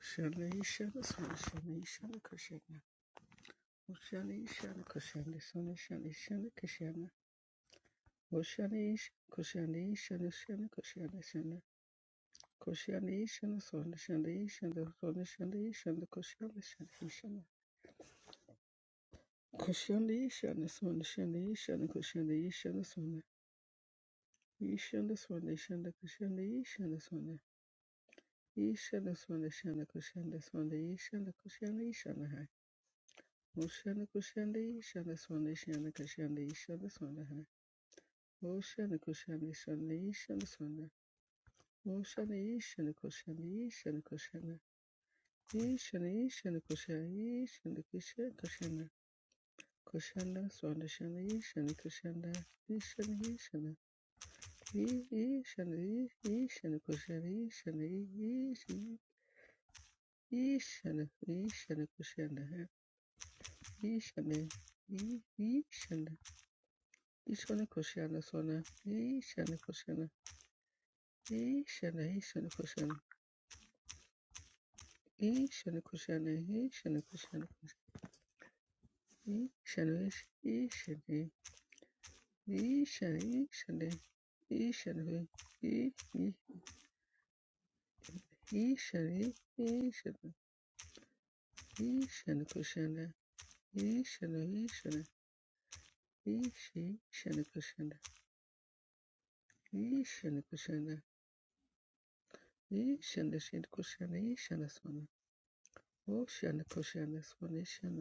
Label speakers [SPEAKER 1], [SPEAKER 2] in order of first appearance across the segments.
[SPEAKER 1] Shani shani shani shani shani kushana. Shani shani kushana shani shani shani kushana. Shani kushani shani shani kushana shani. Kushani shani shani shani shani shani shani shani kushana shani shani. Kushani shani shani shani shani kushani shani shani. Ishana shani shani kushani shani shani. Ishana shani shani kushani shani shani kushani shani. Oshana kushana ishana swana ishana kashana ishana swana ha. Oshana kushana Shani ishana swana. Oshana ishana kushana ishana kushana. Ishana Kushani kushana ishana kushana kushana. Kushana Shani shana ishana kushana. Ishana ishana. I- Ishana i- ishana kushana ishana ishana. Ishana ishana ishana. Ishana Koshana Sona, Ishana Koshana, Ishana, Ishana Koshana, Ishana Koshana, Ishana Koshana, Ishana, Ishana, Ishana, Ishana, Ishana, Ishana, Ishana, Ishana Koshana, Ishana, Ishana, Ishi, Ishana Koshana, Ishana Koshana, Ishana, Ishana Koshana, Ishana Sona, Oshana Koshana Sona, Ishana.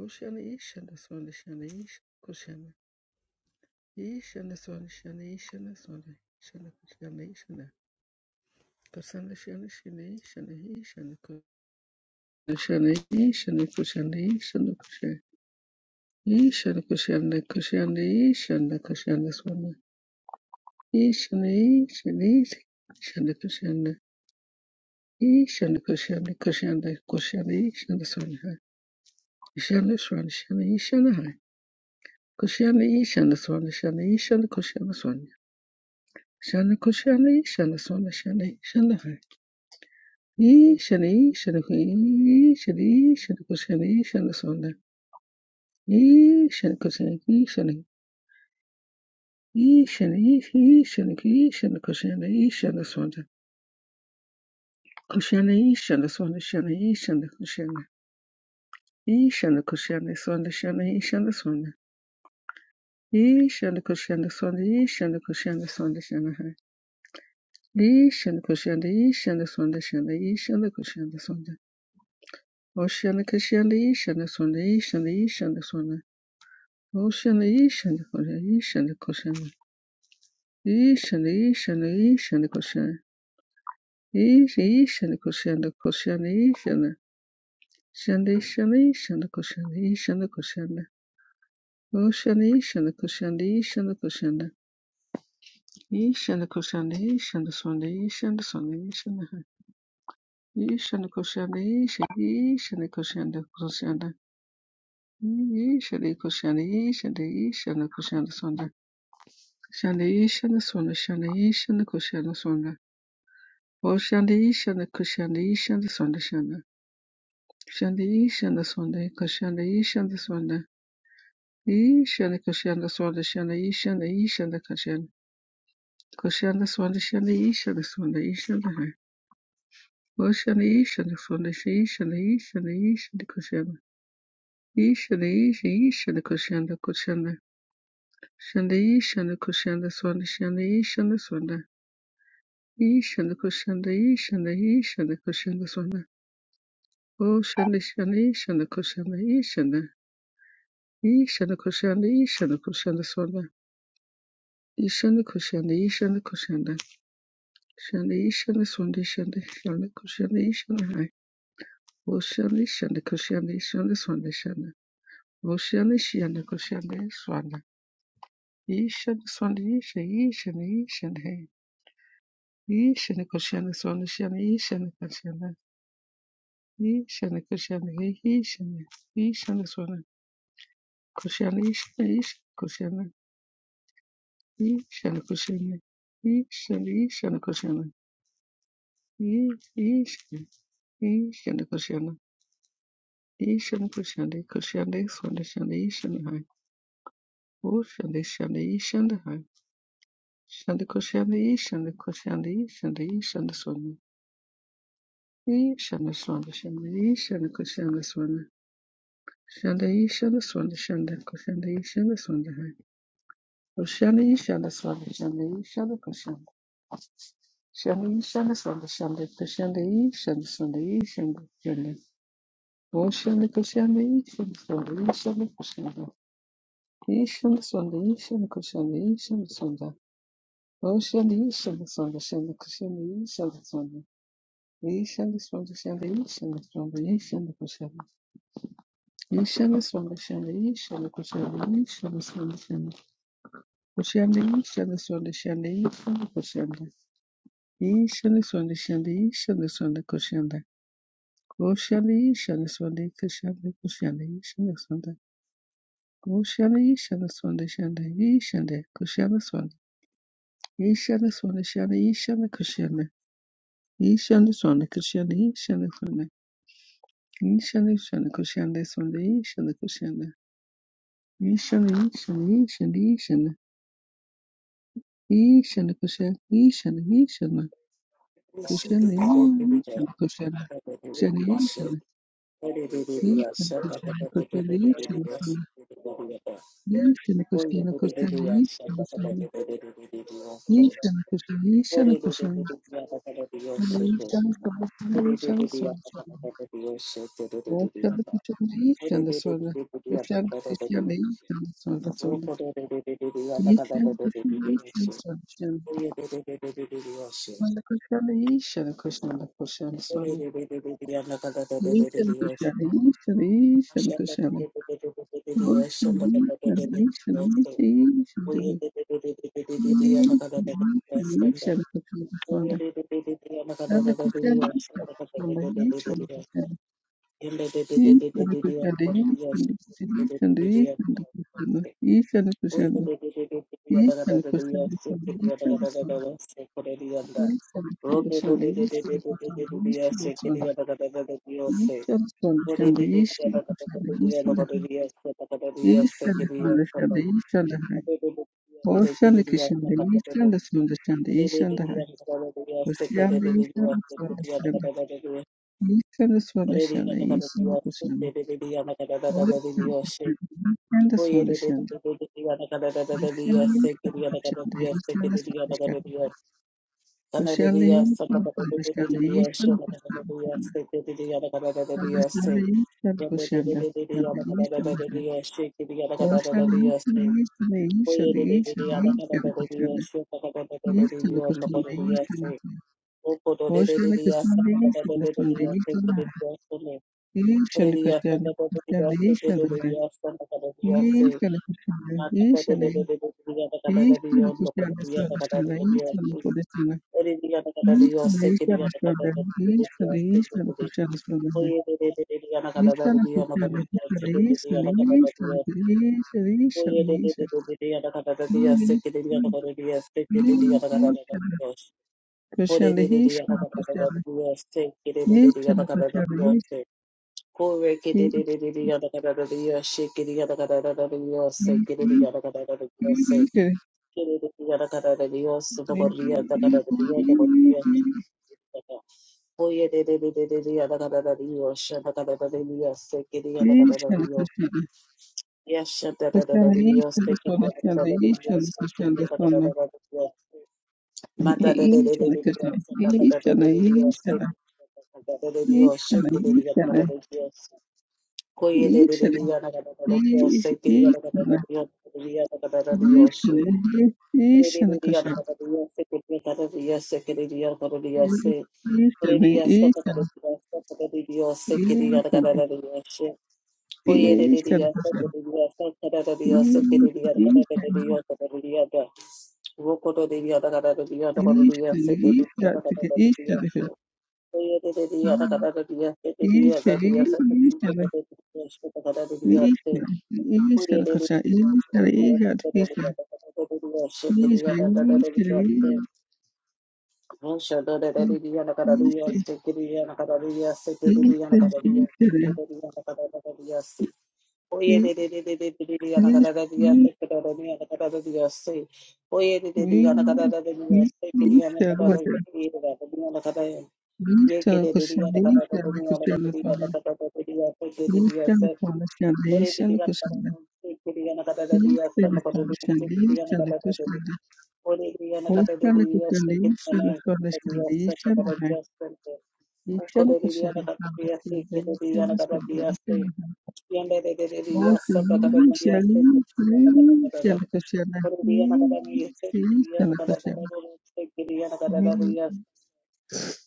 [SPEAKER 1] Oceana, Ishana, Swana, Shana, Ish, Kushana, Ishana, Swana, Shana, Ishana, Swana, Shana, Kushana, Ishana, Kushana, Shana, Shana, Ishana, Ishana, Kushana, Ishana, Kushana, Ishana, Kushana, Ishana, Kushana, Kushana, Ishana, Kushana, Swana, Ishana, Ishana, Ishana, Kushana, Ishana, Kushana, Kushana, Kushana, Ishana, Swana, Ishana, Swana, Shana, Ishana, Hai Kushana, Ishana, Swana, Shana, Ishana, Kushana, Swana, Shana kushana shana sona shana shana hai. E shana shana kui shana shana kushana shana sona. E shana kushana e shana e shana e shana kui shana kushana e shana sona. Kushana e shana sona shana e shana kushana. E shana kushana sona shana e shana sona. E shana kushana sona e shana kushana sona shana hai. E shana kushana e shana sona shana e shana kushana sona. Oshana kashana ishana sona ishana ishana sona. Oshana ishana kona ishana koshana. Ishana ishana ishana koshana. Isha ishana koshana koshana ishana. Shana ishana ishana koshana ishana koshana. Oshana ishana koshana ishana koshana. Ishana koshana ishana sona ishana sona ishana. Ishana koshana ishana ishana koshana koshana. Ishana koshana ishana ishana koshana sona. Şendeyi şende sonda, şendeyi şende kış, şendeyi şende sonda, şende. Şendeyi şende sonda, kış, şendeyi şende sonda. İyi şende kış, şende sonda, şendeyi şende, iyi şende kış, şende. Kış, şende sonda, şendeyi şende sonda, iyi şende hay. O şendeyi şende sonda, şeyi şende, iyi şende, iyi şende kış, şende. İyi şende, iyi şende, iyi şende Ishanda Kushanda Ishanda Ishanda Kushanda Swanda Oh Shanda Shanda Ishanda Kushanda Ishanda Ishanda Kushanda Ishanda Kushanda Swanda Ishanda Kushanda Ishanda Kushanda Shanda Ishanda Swanda Shanda Shanda Kushanda Ishanda Hai Oh Shanda Shanda Kushanda Ishanda Swanda Shanda Oh Shanda Shanda Kushanda Swanda Ishanda Swanda Isha Ishanda Ishanda Hai Ishanda Kushanda Swanda Shanda Ishanda Kushanda Ishana Krishna He Ishana Ishana Swana Krishna Ishana Ishana Krishna Ishana Krishna Ishana Ishana Krishna Ishana Ishana Krishna Ishana Krishna Krishna Swana Shana Ishana Hai O Shana Shana Ishana Hai Shana Krishna Ishana Krishna Ishana Ishana Swana Ishana Swana Shana Ishana Krishna Swana Shana Ishana Swana Shana Krishna Ishana Swana Hai Oshana Yishana Swami Shana Yishana Koshana Shana Yishana Swami Shana Koshana Yishana Swami Yishana Koshana Oshana Koshana Yishana Swami Yishana Koshana Yishana Swami Yishana Koshana Yishana Swami Oshana Yishana Swami Shana Koshana Yishana Swami Yishana Swami Shana Yishana Swami Yishana Koshana Yishana Swami Shana Yishana Koshana Yishana Swami Shana Koshana Yishana Swami Shana Yishana Koshana Ishani sonde shande ishane sonde koshanda. Koshanda ishane sonde koshanda koshanda ishane sonde. Koshanda ishane sonde shande ishande koshanda sonde. Ishane sonde shande ishane koshanda. Ishane sonde koshanda ishane sonde. Ishane ishane koshanda sonde ishane koshanda. Ishane ishane ishane ishane. Ishane koshanda ishane ishane.
[SPEAKER 2] Oh,
[SPEAKER 1] Koshanda ishane koshanda. Koshanda ishane. Krishna Krishna Kotala Isha Krishna Krishna Kotala Isha Masala Krishna Krishna Isha Krishna Sala Isha Masala Sala Isha Masala Krishna Krishna Isha Masala Krishna Krishna Isha Masala Sala Krishna Krishna Isha Masala Sala Krishna Krishna Krishna Sala Krishna Krishna Krishna Krishna
[SPEAKER 2] Yes.
[SPEAKER 1] Isha East and the Sunday, East and the High.
[SPEAKER 2] Rotate
[SPEAKER 1] Ocean, the East and the Sunday, Yishana Swadeshana, Yishana Kushana, Yishana Swadeshana, Yishana
[SPEAKER 2] Yes,
[SPEAKER 1] Kushana, Yishana Swadeshana, Kushana Yishana Swadeshana, Yishana Kushana, Swadeshana Yishana Kushana, Yishana Kushana, Yishana Yishana Yishana Yishana Kushana, Yishana Kushana, Yishana Kushana, Yishana Kushana, Yishana Kushana, Yishana Kushana, Yishana Kushana, Ishana Krishna,
[SPEAKER 2] Yes,
[SPEAKER 1] Ishana, Ishana Krishna, Ishana Krishna, Ishana Krishna, Ishana Ishana Krishna, Ishana Ishana Krishna, Ishana Krishna, Ishana Ishana Ishana Krishna, Ishana Ishana Krishna, Ishana Ishana Krishna, Ishana Krishna, Ishana Krishna,
[SPEAKER 2] Kiri kiri yara kara re diyo sudo kori yara kara re diyo to kori Oye re re re re re re yara kara re diyo shada kara re diyo se kiri yara kara re
[SPEAKER 1] Ishana
[SPEAKER 2] diyo.
[SPEAKER 1] Krishna.
[SPEAKER 2] Ya shada re re
[SPEAKER 1] Krishna
[SPEAKER 2] re
[SPEAKER 1] Krishna
[SPEAKER 2] diyo se
[SPEAKER 1] Krishna
[SPEAKER 2] kiri yara
[SPEAKER 1] Krishna
[SPEAKER 2] kara re diyo
[SPEAKER 1] Krishna
[SPEAKER 2] se
[SPEAKER 1] Krishna
[SPEAKER 2] kiri
[SPEAKER 1] Krishna
[SPEAKER 2] yara kara re diyo. Mata re re re
[SPEAKER 1] Krishna
[SPEAKER 2] re
[SPEAKER 1] Krishna Krishna
[SPEAKER 2] re diyo
[SPEAKER 1] Krishna
[SPEAKER 2] shada kara re
[SPEAKER 1] Krishna Krishna
[SPEAKER 2] re diyo se
[SPEAKER 1] Krishna
[SPEAKER 2] kiri yara kara se
[SPEAKER 1] Krishna
[SPEAKER 2] kiri yara kara re diyo.
[SPEAKER 1] Krishna
[SPEAKER 2] Koye re re
[SPEAKER 1] Krishna
[SPEAKER 2] re re yara kara
[SPEAKER 1] Krishna
[SPEAKER 2] re
[SPEAKER 1] Krishna
[SPEAKER 2] diyo
[SPEAKER 1] Krishna
[SPEAKER 2] se kiri yara kara re diyo se kiri kara re diyo. Oye,
[SPEAKER 1] Krishna Krishna Krishna Ishira,
[SPEAKER 2] Oye,
[SPEAKER 1] ishira kasha, ishira, ishira, ishira, ishira, ishira, ishira, ishira, ishira, ishira, kasha, ishira kasha, ishira kasha, ishira kasha, ishira kasha, ishira kasha, ishira kasha, ishira kasha, ishira kasha,
[SPEAKER 2] Ore kiriyan karavan,
[SPEAKER 1] ishira
[SPEAKER 2] kiriyan karada diya san kore diya se kiriyan karada diya. Ore kiriyan karada diya
[SPEAKER 1] kasha,
[SPEAKER 2] se kitne
[SPEAKER 1] ishira kasha,
[SPEAKER 2] karada diya san
[SPEAKER 1] ishira
[SPEAKER 2] kore
[SPEAKER 1] kasha,
[SPEAKER 2] diya san de.
[SPEAKER 1] Ishana
[SPEAKER 2] Ukore diya
[SPEAKER 1] Kashana
[SPEAKER 2] karada diya se
[SPEAKER 1] Kashana
[SPEAKER 2] kire diya
[SPEAKER 1] Ishana
[SPEAKER 2] karada
[SPEAKER 1] Swami
[SPEAKER 2] diya se.
[SPEAKER 1] Ishana
[SPEAKER 2] Yende de de
[SPEAKER 1] All
[SPEAKER 2] diya
[SPEAKER 1] to
[SPEAKER 2] san karada
[SPEAKER 1] you
[SPEAKER 2] diya se
[SPEAKER 1] Shani
[SPEAKER 2] kiriyan karada diya.
[SPEAKER 1] Ishana Kashana
[SPEAKER 2] Ore diya karada diya se kiriyan
[SPEAKER 1] Ishana
[SPEAKER 2] karada
[SPEAKER 1] Kashana
[SPEAKER 2] diya se kiriyan karada
[SPEAKER 1] Ishana
[SPEAKER 2] diya.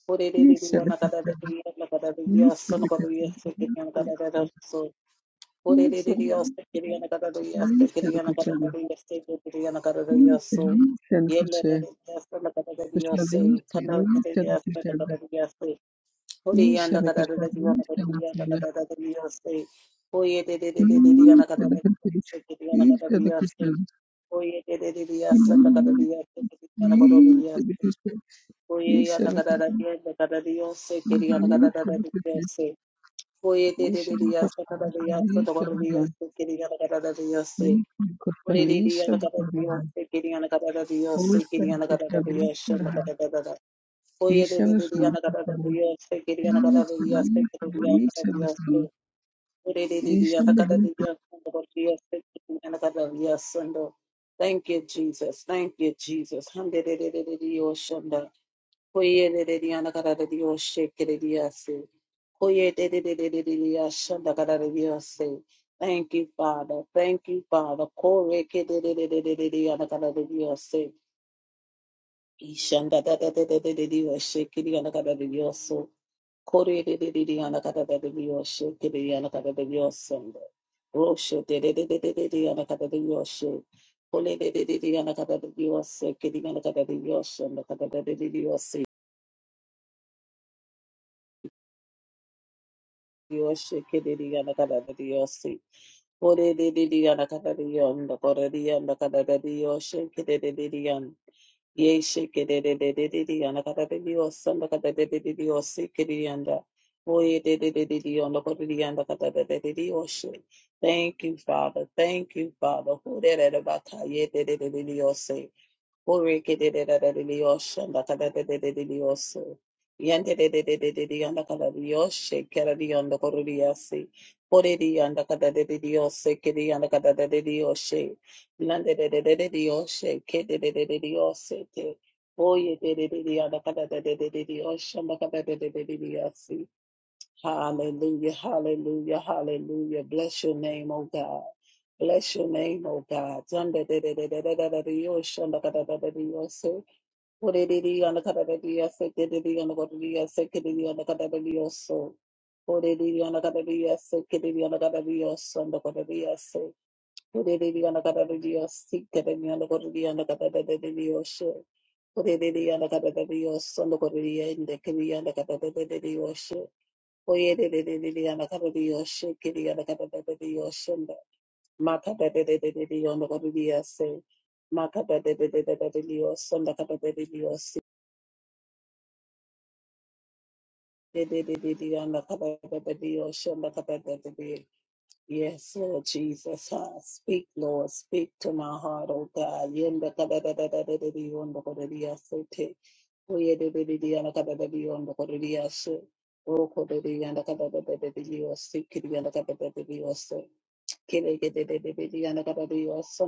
[SPEAKER 2] Ore
[SPEAKER 1] Kashana
[SPEAKER 2] diya
[SPEAKER 1] Ishana
[SPEAKER 2] karada
[SPEAKER 1] Kashana
[SPEAKER 2] diya karada
[SPEAKER 1] Ishana Kashana Ishana
[SPEAKER 2] diya san kore
[SPEAKER 1] Kashana Kashana
[SPEAKER 2] diya se kiriyan karada diya.
[SPEAKER 1] Ishana
[SPEAKER 2] Kurererioste kiriyanakarariyaste
[SPEAKER 1] Kashana Ishana Kashana
[SPEAKER 2] kiriyanakarariyaste kiriyanakarariyasu.
[SPEAKER 1] Ishana Kashana Ishana
[SPEAKER 2] Yelereriyaste nakarariyaste
[SPEAKER 1] Kashana Ishana
[SPEAKER 2] kanarariyaste nakarariyaste. Kuriyanakararariyanakarariyanakarariyaste. Kuyererereriyanakarariyaste kiriyanakarariyaste. Kuyererereriyaste
[SPEAKER 1] Kashana
[SPEAKER 2] nakarariyaste
[SPEAKER 1] Amen.
[SPEAKER 2] kiriyanakarariyaste. Kuyerereriyanakarariyaste kiriyanakarariyaste. Oye, de de de Dios, tocada de Dios, tocada de Dios, quería la cara de Dios, sí. Ore de Dios, la cara de Dios, sí, quería la cara de Dios, sí, quería la cara de Dios, sí, la cara de Dios. Oye, de de de Dios, la cara de Dios, sí, quería la cara de Dios, sí, quería la cara de Dios, sí. Ore de de Dios, la cara de Dios, tocada de Dios, sí, quería la cara de Dios, sí. Thank you, Jesus. Thank you, Jesus. Hande de de de de Dios, sí. Koye de de diana cara de yana kada de diyor şekere diyası. Koye de de de de de de yaşanda kada de diyası. Thank you Father. Thank you Father. Kore ke de de de de de de de yana kada de diyası. İşanda da da da da da de diyor şekere yana kada de diyası. Kore de de de de yana kada da de diyor şekere yana kada de diyası. Roşe de de de de de de de yana kada de diyası. Kole de de de de yana kada de diyası. Kedi yana kada de diyası. Yana kada de diyası. Dioshe kederi ana kada da dioshe. Ore de de di ana kada di yondo. Ore di ana kada da dioshe kederi de di yon. Yeshe kederi de de de di ana kada da dioshe. Ana kada de de de dioshe kederi yanda. Oye de de de de di yondo. Ore di ana kada da de de dioshe. Thank you, Father. Thank you, Father. Ore de de baka ye de dioshe. Oreke de de de de de de yoshan da kada de de de de de yosu. Yante de de de de de de yanda kada de yoshe kera de yanda koru de yasi. Ore de yanda kada de de de yose ke de yanda kada de de de yoshe. Lande de de de de de yoshe ke de de de de de yose te. Oye de de de de yanda kada de de de de de yoshan da kada de de de de de yasi. Hallelujah, hallelujah, hallelujah. Bless your name, oh God. Bless your name, oh God. Zanda de de de de de de de de yo, shanda ka da da da de yo, so. Ore de de yo, na ka da da de yo, se ke de de yo, ka da de yo, se ke de de yo, ka da da de yo, so. Ore de de yo, na ka da de yo, se ke de de yo, ka da de yo, so, ka da de yo, se. Ore de de yo, na ka da de yo, si ke de de yo, ka da de yo, ka da da da de de yo, so. Ore de de yo, na ka da da de yo, so, ka da de yo, na ka de yo, ka da da da de de yo, so. Oye de de de de de ana kaba de yoshe kiri ana kaba de de de yoshe nda maka de de de de de de ana kaba de yase maka de de de de de de de yoshe nda kaba de de yoshe de de de de de ana kaba de de de yoshe nda kaba de de de Yes, Lord Jesus, ah, speak, Lord, speak to my heart, oh God. Yes, Ye kete de de de de yanda kata de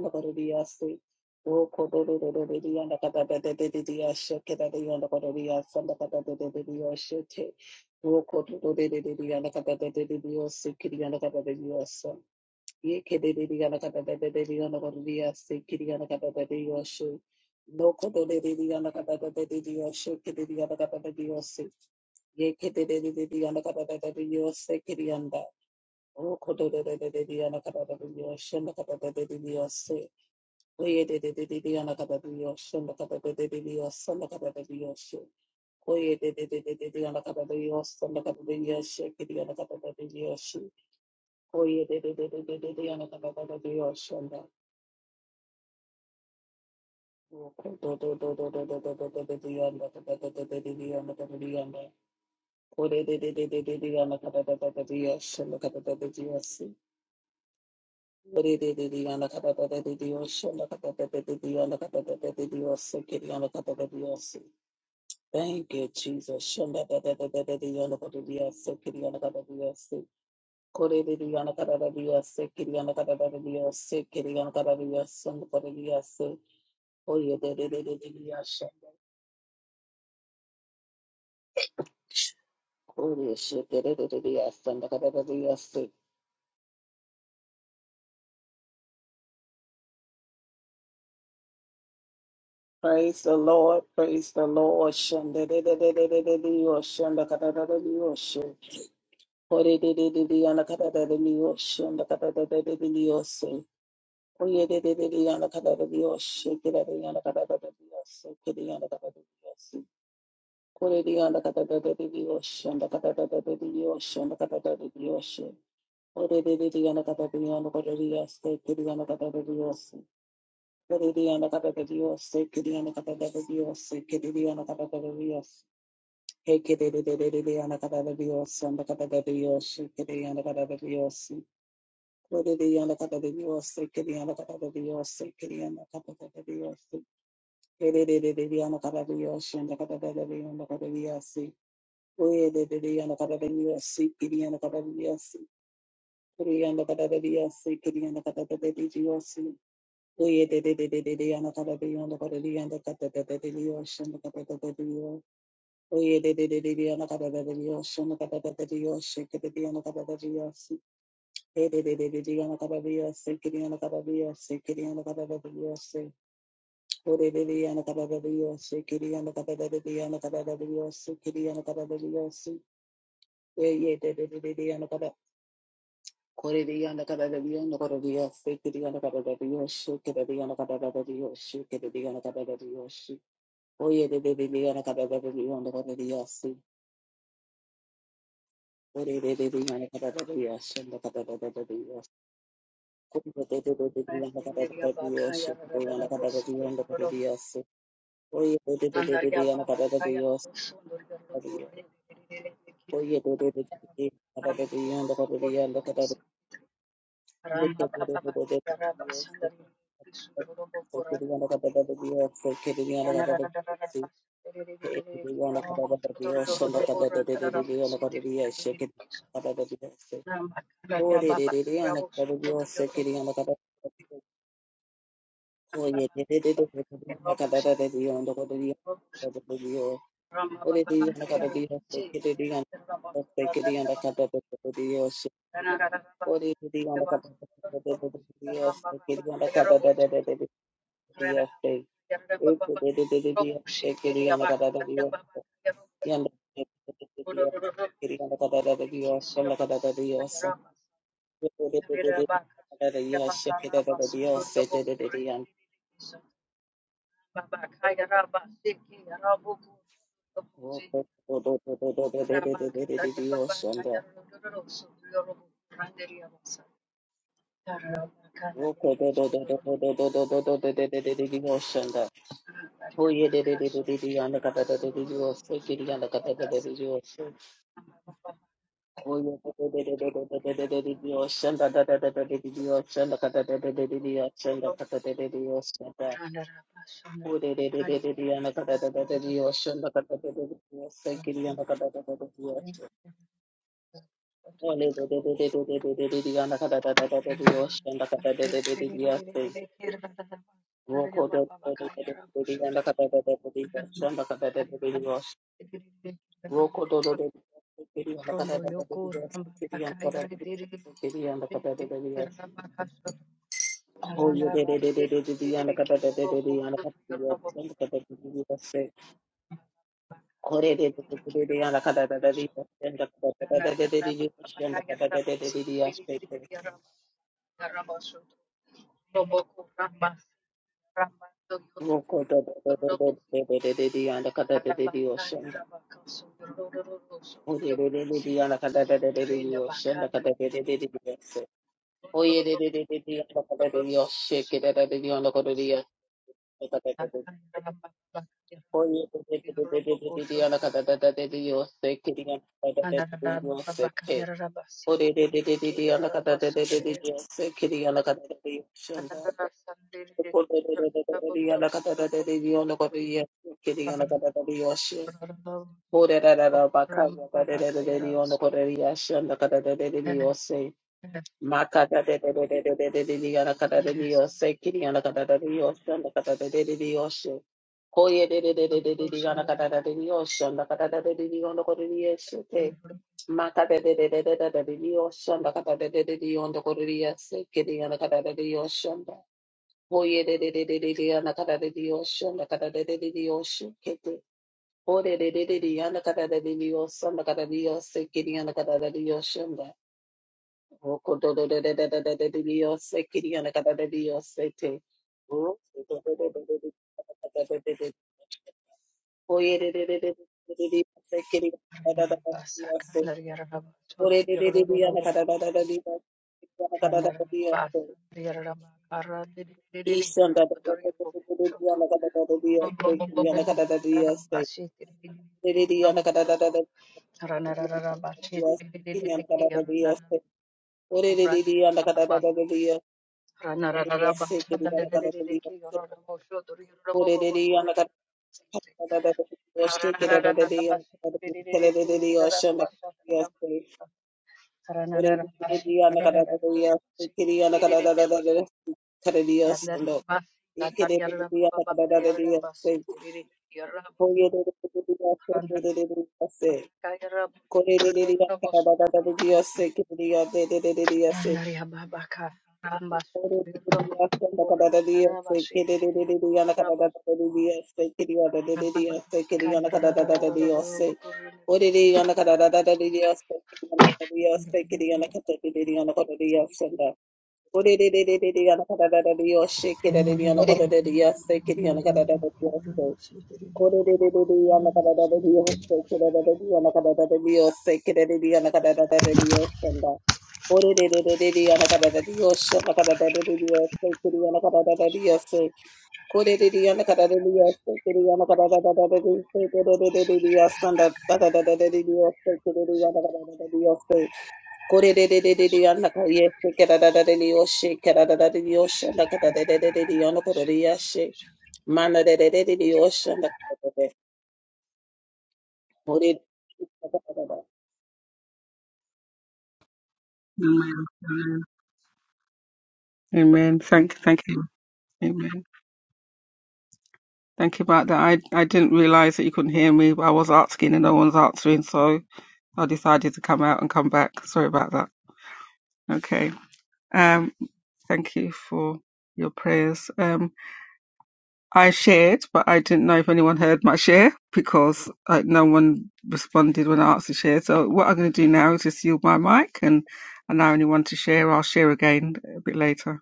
[SPEAKER 2] de de yose kiri yanda. O koto de de de de de ana kata de de yo shenda kata de de de yo se. Oye de de de de de ana kata de yo shenda kata de de de de yo shenda kata de de yo se. Oye de de de de de de ana kata de yo shenda kata de yo se kiri ana kata de de yo se. Oye de de de de de de de ana kata de de yo shenda. O koto de de de de de do do do de yo ana kata de de de de de ana kata de yo ana. Ore de de de de de de ana kata de de de de yo kata de de yo Thank you, Jesus. Praise the Lord, praise the Lord. Ore de de de de yana kada da de miyoshi, yana kada da da de de miyoshi. Oye de de de de yana kada da miyoshi, kira de yana kada da da miyoshi, kira yana kada da miyoshi. Kore de yana kada da da de miyoshi, yana kada da da de miyoshi, yana kada da de miyoshi. Ore de de de yana kada de yana kada de miyoshi, kira yana kada da miyoshi. Ore de yana kada da miyoshi, kira yana kada da da miyoshi, kira yana kada da da miyoshi. Hey, kira de de de de de yana kada da miyoshi, yana kada da miyoshi, kira yana kada da miyoshi. Orereyanda kadarıyorsa, kereyanda kadarıyorsa, kereyanda kadarıyorsa, erererereyanda kadarıyorsa, yanda kadarereyanda kadarıyorsa, orererereyanda kadarıyorsa, kereyanda kadarıyorsa, oreyanda kadarıyorsa, kereyanda kadarıyorsa, orererereyanda kadarıyorsa, kereyanda kadarıyorsa, yanda kadarıyorsa, orererereyanda kadarıyorsa, yanda kadarıyorsa, kereyanda kadarıyorsa, Hey, de de de de de, yana kaba biya se, kiri yana kaba biya se, kiri yana kaba da biya se. Ore de de de, yana kaba da biya se, kiri yana kaba da de de yana kaba da biya se, kiri yana kaba da biya se. Ye ye de de de de de yana kaba. Kore de yana kaba da biya, yana kaba biya se, kiri yana kaba da biya se, kiri de yana kaba da biya se, kiri de yana kaba da biya se. Oye de de de de yana kaba da biya, yana kaba biya se. Ore de de de yana kaba da biya se, yana kaba biya Oye, Oye, de- de- de- de- de- de- la cantata de Dios, no te digan, no te digo. O de Dios, la cantata de Dios, sé que te digan, no sé que digan la cantata de Dios. O de te digan la cantata de de- de- de Dios, sé que digan la cantata de de- de- de Dios. sé. Este de de de de Dios, sé que digan la cantata de Dios. Y anda, de de de de Dios, sé que digan la cantata de Dios, con la cantata de Dios. De de de de de de la cantata de Dios, sé que de de de Dios, sé que de de de Dios. Oh, Ole de de de de de de de de de de yanda kada da da da da de yosh yanda kada de de de de de yaste. Roko do do do do do do de yanda kada da da da de yosh yanda kada da da da de yosh. Roko do do do do do de yanda kada da da da de yosh. De yanda kada da da de de yanda kada da da de yosh. Ho ye de de de de de de de yanda kada da da de de yanda kada de yosh yanda kada da de yaste. Kore de de de de de de yanda kada da da de yosh yanda kada da da de de de yosh yanda kada da da de de de yaste. Oye, Hoye de de de de de de ana kada de diosho, ana kada de de de diosho, kete Ore de de de de yana kada de de Dios, sana kada Dios, se kiri yana kada de Dios shanda. Oko do do de de de de de de de Dios, se kiri yana kada de Dios se te. Oko do do do do do do kada de de de. Oye de de de de de de de se kiri kada de de Dios se. Ore de de de de yana kada de de de Dios, yana kada de de Dios se. Ishanda de de de de de de yana kada de de Dios se, yana kada de Dios se. Yes, Yes, Mana de de de de de ocean what it-
[SPEAKER 1] Thank, thank you. Amen. Thank you about that. I, I didn't realize that you couldn't hear me. but I was asking and no one's answering, so I decided to come out and come back. Sorry about that. Okay. Um, Thank you for your prayers. Um, I shared, but I didn't know if anyone heard my share because uh, no one responded when I asked to share. So what I'm going to do now is just yield my mic and allow anyone to share. I'll share again a bit later.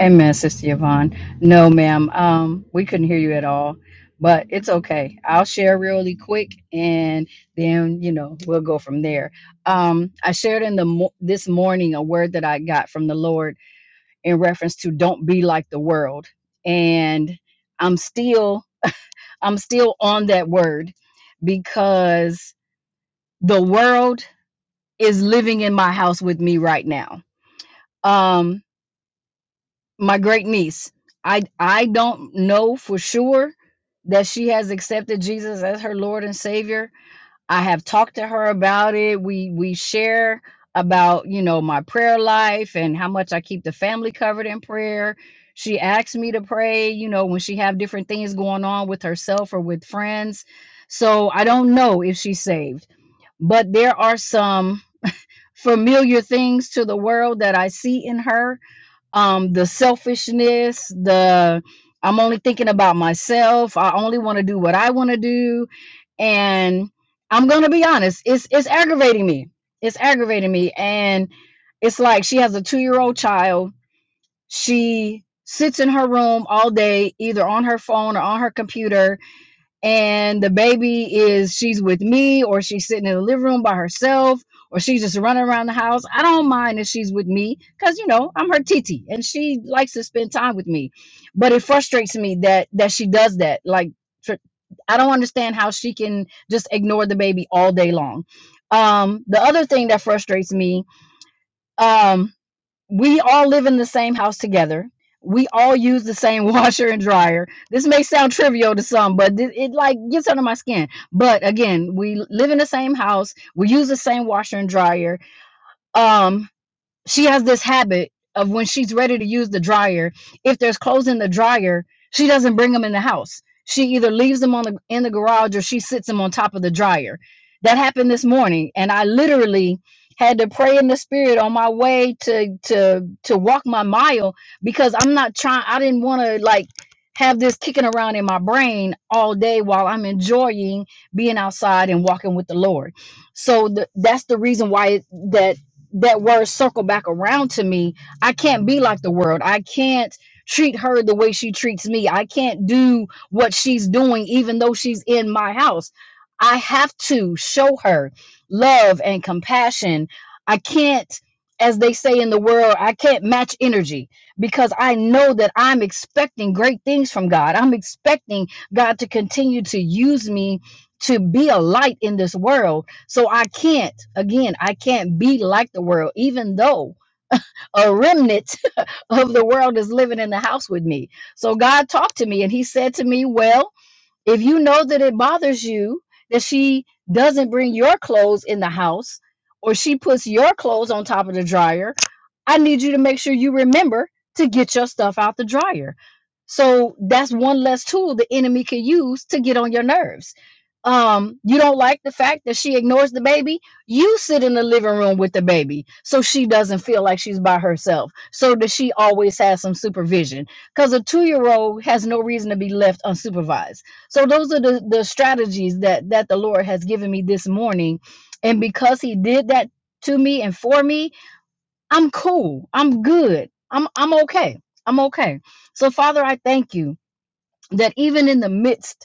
[SPEAKER 3] Amen, Sister Yvonne. No, ma'am. Um, we couldn't hear you at all, but it's okay. I'll share really quick, and then you know we'll go from there. Um, I shared in the mo- this morning a word that I got from the Lord in reference to don't be like the world, and I'm still I'm still on that word because the world is living in my house with me right now. Um, my great niece. I I don't know for sure that she has accepted Jesus as her Lord and Savior. I have talked to her about it. We we share about, you know, my prayer life and how much I keep the family covered in prayer. She asks me to pray, you know, when she have different things going on with herself or with friends. So I don't know if she's saved, but there are some familiar things to the world that I see in her um the selfishness the i'm only thinking about myself i only want to do what i want to do and i'm gonna be honest it's it's aggravating me it's aggravating me and it's like she has a two-year-old child she sits in her room all day either on her phone or on her computer and the baby is she's with me or she's sitting in the living room by herself or she's just running around the house i don't mind if she's with me because you know i'm her titi and she likes to spend time with me but it frustrates me that that she does that like tr- i don't understand how she can just ignore the baby all day long um the other thing that frustrates me um, we all live in the same house together. We all use the same washer and dryer. This may sound trivial to some, but it, it like gets under my skin. But again, we live in the same house. We use the same washer and dryer. Um, she has this habit of when she's ready to use the dryer if there's clothes in the dryer she doesn't bring them in the house she either leaves them on the in the garage or she sits them on top of the dryer that happened this morning and i literally had to pray in the spirit on my way to to to walk my mile because i'm not trying i didn't want to like have this kicking around in my brain all day while i'm enjoying being outside and walking with the lord so the, that's the reason why it, that that word circle back around to me. I can't be like the world. I can't treat her the way she treats me. I can't do what she's doing, even though she's in my house. I have to show her love and compassion. I can't, as they say in the world, I can't match energy because I know that I'm expecting great things from God. I'm expecting God to continue to use me to be a light in this world so I can't, again, I can't be like the world, even though a remnant of the world is living in the house with me. So God talked to me and he said to me, Well, if you know that it bothers you that she doesn't bring your clothes in the house or she puts your clothes on top of the dryer, I need you to make sure you remember to get your stuff out the dryer. So that's one less tool the enemy can use to get on your nerves. Um, you don't like the fact that she ignores the baby. You sit in the living room with the baby so she doesn't feel like she's by herself, so that she always has some supervision. Because a two year old has no reason to be left unsupervised so those are the, the strategies that that the Lord has given me this morning. And because he did that to me and for me, I'm cool. I'm good. I'm I'm okay. I'm okay. So Father, I thank you that even in the midst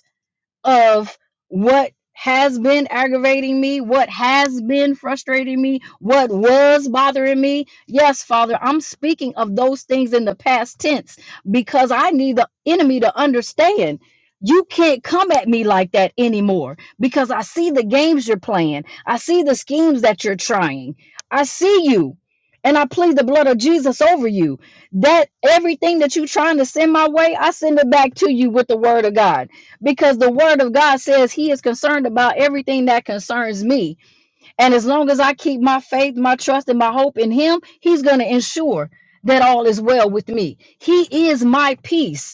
[SPEAKER 3] of what has been aggravating me, what has been frustrating me, what was bothering me. Yes, Father, I'm speaking of those things in the past tense because I need the enemy to understand. You can't come at me like that anymore because I see the games you're playing. I see the schemes that you're trying. I see you. And I plead the blood of Jesus over you. That everything that you're trying to send my way, I send it back to you with the word of God because the word of God says he is concerned about everything that concerns me. And as long as I keep my faith, my trust, and my hope in him, he's going to ensure that all is well with me. He is my peace.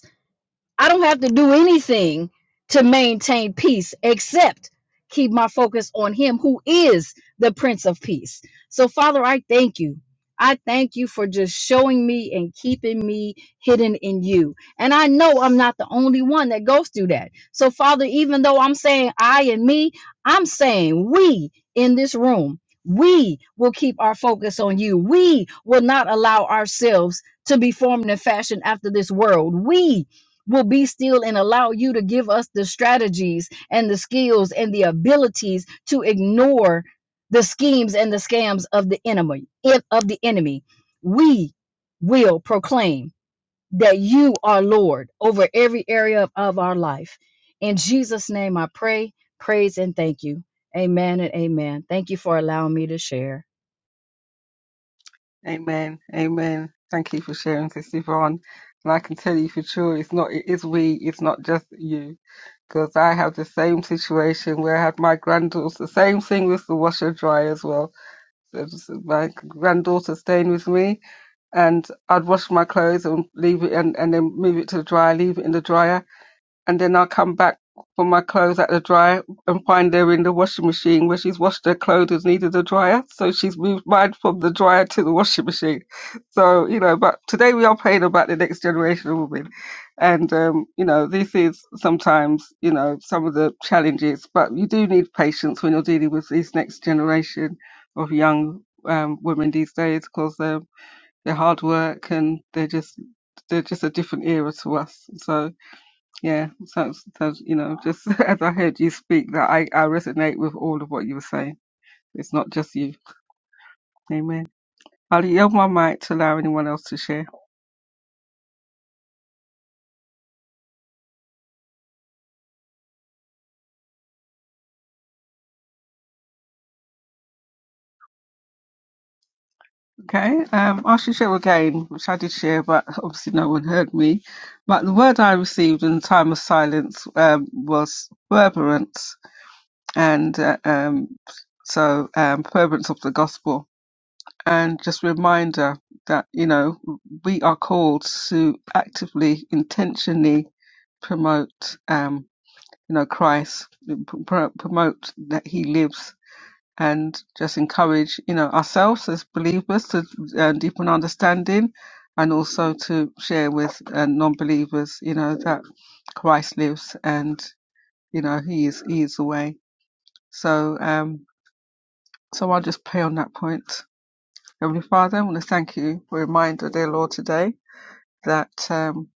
[SPEAKER 3] I don't have to do anything to maintain peace except keep my focus on Him who is the Prince of Peace. So, Father, I thank you. I thank you for just showing me and keeping me hidden in you. And I know I'm not the only one that goes through that. So, Father, even though I'm saying I and me, I'm saying we in this room. We will keep our focus on you. We will not allow ourselves to be formed and fashioned after this world. We will be still and allow you to give us the strategies and the skills and the abilities to ignore the schemes and the scams of the enemy if of the enemy we will proclaim that you are lord over every area of of our life in jesus name i pray praise and thank you amen and amen thank you for allowing me to share
[SPEAKER 1] Amen. Amen. Thank you for sharing, Sister Yvonne. And I can tell you for sure, it's not, it is we, it's not just you. Because I have the same situation where I had my granddaughters, the same thing with the washer dryer as well. So, so My granddaughter staying with me and I'd wash my clothes and leave it and, and then move it to the dryer, leave it in the dryer, and then I'll come back for my clothes at the dryer and find they're in the washing machine where she's washed her clothes and needed a dryer. So she's moved mine from the dryer to the washing machine. So, you know, but today we are praying about the next generation of women. And, um, you know, this is sometimes, you know, some of the challenges, but you do need patience when you're dealing with this next generation of young um, women these days because they're hard work and they're just they're just a different era to us. So yeah, so, so you know, just as I heard you speak, that I, I resonate with all of what you were saying. It's not just you. Amen. I'll yield my mic to allow anyone else to share. Okay, um, I should share again, which I did share, but obviously no one heard me. But the word I received in the time of silence um, was fervorance, and uh, um, so um, fervorance of the gospel and just a reminder that you know we are called to actively intentionally promote um you know christ pro- promote that he lives and just encourage you know ourselves as believers to uh, deepen our understanding and also to share with uh, non-believers you know that christ lives and you know he is he is the way so um so i'll just pay on that point Heavenly Father, I want to thank you for a reminder, dear Lord, today that um,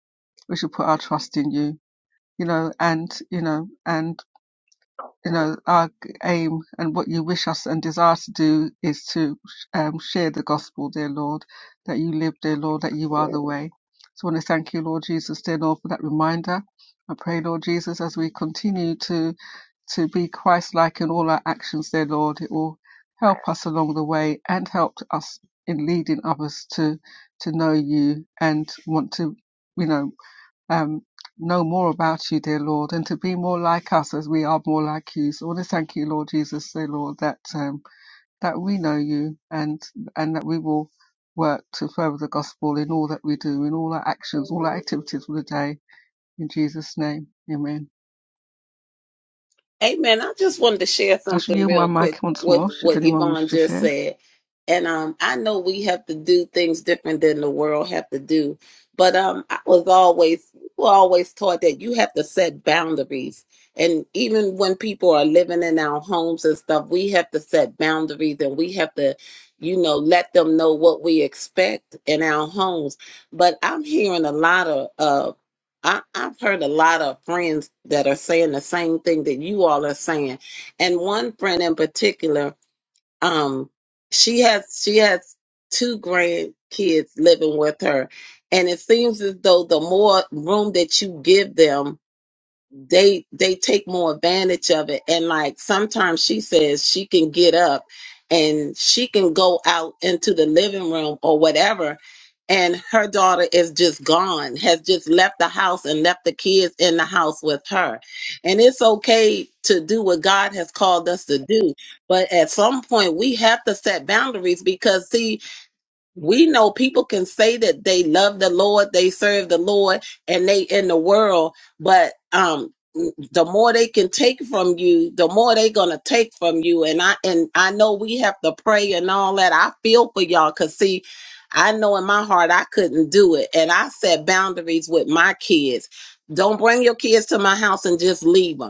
[SPEAKER 1] we should put our trust in you, you know, and, you know, and you know, our aim and what you wish us and desire to do is to um, share the gospel, dear Lord, that you live, dear Lord, that you are the way. So I want to thank you, Lord Jesus, dear Lord, for that reminder. I pray, Lord Jesus, as we continue to to be Christ-like in all our actions, dear Lord, it will help us along the way and help us in leading others to to know you and want to, you know um, know more about you, dear Lord, and to be more like us as we are more like you. So I want to thank you, Lord Jesus, dear Lord, that um, that we know you and and that we will work to further the gospel in all that we do, in all our actions, all our activities for the day. In Jesus' name, Amen.
[SPEAKER 2] Amen. I just wanted to share
[SPEAKER 1] I shall
[SPEAKER 2] something
[SPEAKER 1] yield my
[SPEAKER 2] real quick
[SPEAKER 1] mic once
[SPEAKER 2] with
[SPEAKER 1] more. Should
[SPEAKER 2] what
[SPEAKER 1] anyone
[SPEAKER 2] Yvonne
[SPEAKER 1] wish to
[SPEAKER 2] just
[SPEAKER 1] share?
[SPEAKER 2] said. And um, I know we have to do things different than the world have to do, but um, I was always we were always taught that you have to set boundaries. And even when people are living in our homes and stuff, we have to set boundaries and we have to, you know, let them know what we expect in our homes. But I'm hearing a lot of uh, I, I've heard a lot of friends that are saying the same thing that you all are saying. And one friend in particular, um, she has she has two grandkids living with her. And it seems as though the more room that you give them, they they take more advantage of it and like sometimes she says she can get up and she can go out into the living room or whatever and her daughter is just gone has just left the house and left the kids in the house with her and it's okay to do what god has called us to do but at some point we have to set boundaries because see we know people can say that they love the lord they serve the lord and they in the world but um the more they can take from you the more they gonna take from you and i and i know we have to pray and all that i feel for y'all because see i know in my heart i couldn't do it and i set boundaries with my kids don't bring your kids to my house and just leave 'em.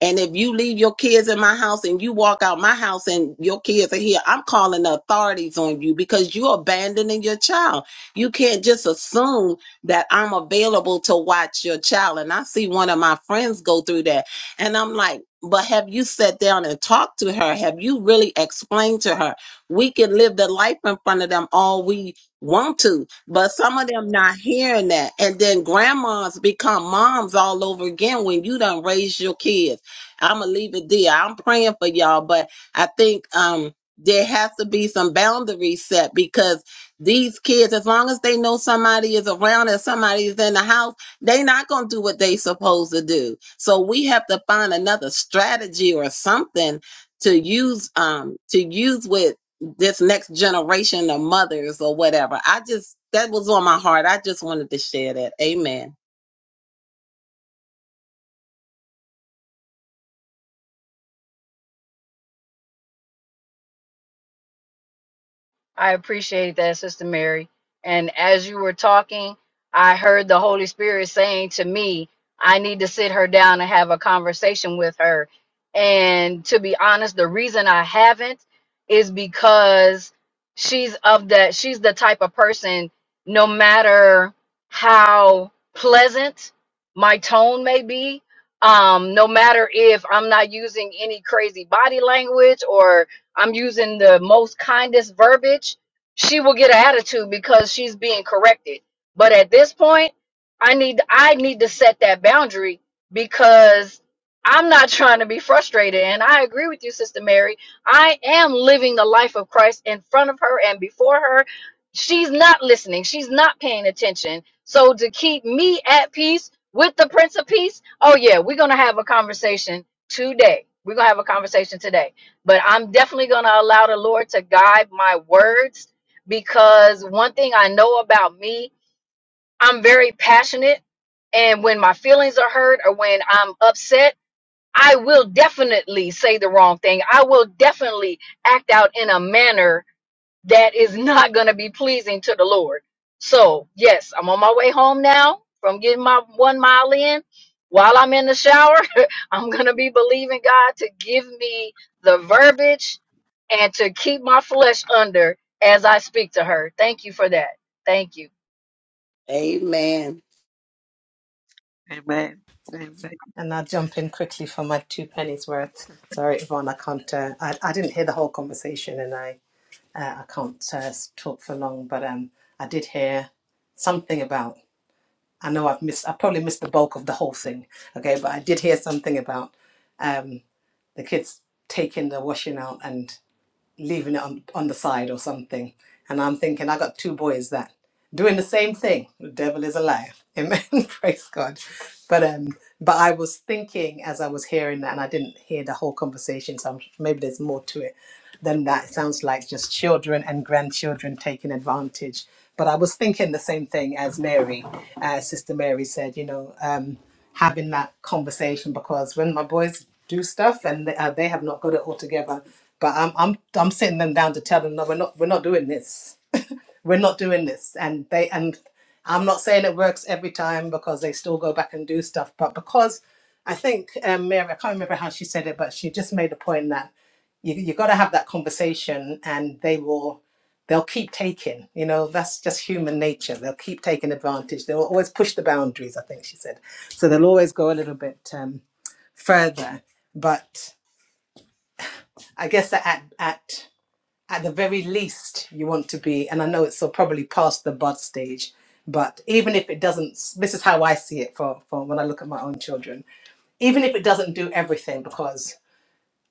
[SPEAKER 2] And if you leave your kids in my house and you walk out my house and your kids are here, I'm calling the authorities on you because you're abandoning your child. You can't just assume that I'm available to watch your child. And I see one of my friends go through that. And I'm like, but have you sat down and talked to her? Have you really explained to her? We can live the life in front of them all we want to, but some of them not hearing that. And then grandmas become moms all over again when you done raised your kids I'm gonna leave it there. I'm praying for y'all, but I think um there has to be some boundaries set because these kids, as long as they know somebody is around and somebody is in the house, they not gonna do what they supposed to do. So we have to find another strategy or something to use um to use with this next generation of mothers or whatever. I just that was on my heart. I just wanted to share that. Amen.
[SPEAKER 3] I appreciate that, Sister Mary. And as you were talking, I heard the Holy Spirit saying to me, I need to sit her down and have a conversation with her. And to be honest, the reason I haven't is because she's of that, she's the type of person, no matter how pleasant my tone may be, um, no matter if I'm not using any crazy body language or I'm using the most kindest verbiage, she will get an attitude because she's being corrected. But at this point, I need I need to set that boundary because I'm not trying to be frustrated. And I agree with you, Sister Mary. I am living the life of Christ in front of her and before her. She's not listening. She's not paying attention. So to keep me at peace with the Prince of Peace, oh yeah, we're gonna have a conversation today. We're gonna have a conversation today but I'm definitely going to allow the Lord to guide my words because one thing I know about me, I'm very passionate. And when my feelings are hurt or when I'm upset, I will definitely say the wrong thing. I will definitely act out in a manner that is not going to be pleasing to the Lord. So, yes, I'm on my way home now from getting my one mile in. While I'm in the shower, I'm going to be believing God to give me the verbiage and to keep my flesh under as I speak to her. Thank you for that. Thank you.
[SPEAKER 2] Amen.
[SPEAKER 4] And I'll jump in quickly for my two pennies worth. Sorry, Yvonne, I can't. Uh, I, I didn't hear the whole conversation, and I uh, I can't uh, s- talk for long. But um, I did hear something about. I know I've missed. I probably missed the bulk of the whole thing. Okay, but I did hear something about um, the kids taking the washing out and leaving it on, on the side or something. And I'm thinking, I got two boys that doing the same thing. The devil is alive. Amen. Praise God. But um, but I was thinking as I was hearing that, and I didn't hear the whole conversation, so I'm, maybe there's more to it than that. It sounds like just children and grandchildren taking advantage. But I was thinking the same thing as Mary, uh, Sister Mary said. You know, um, having that conversation because when my boys do stuff and they, uh, they have not got it all together, but I'm I'm I'm sitting them down to tell them no, we're not we're not doing this we're not doing this and they and i'm not saying it works every time because they still go back and do stuff but because i think um, mary i can't remember how she said it but she just made the point that you, you got to have that conversation and they will they'll keep taking you know that's just human nature they'll keep taking advantage they'll always push the boundaries i think she said so they'll always go a little bit um, further but i guess that at, at at the very least you want to be and i know it's so probably past the bud stage but even if it doesn't this is how i see it for, for when i look at my own children even if it doesn't do everything because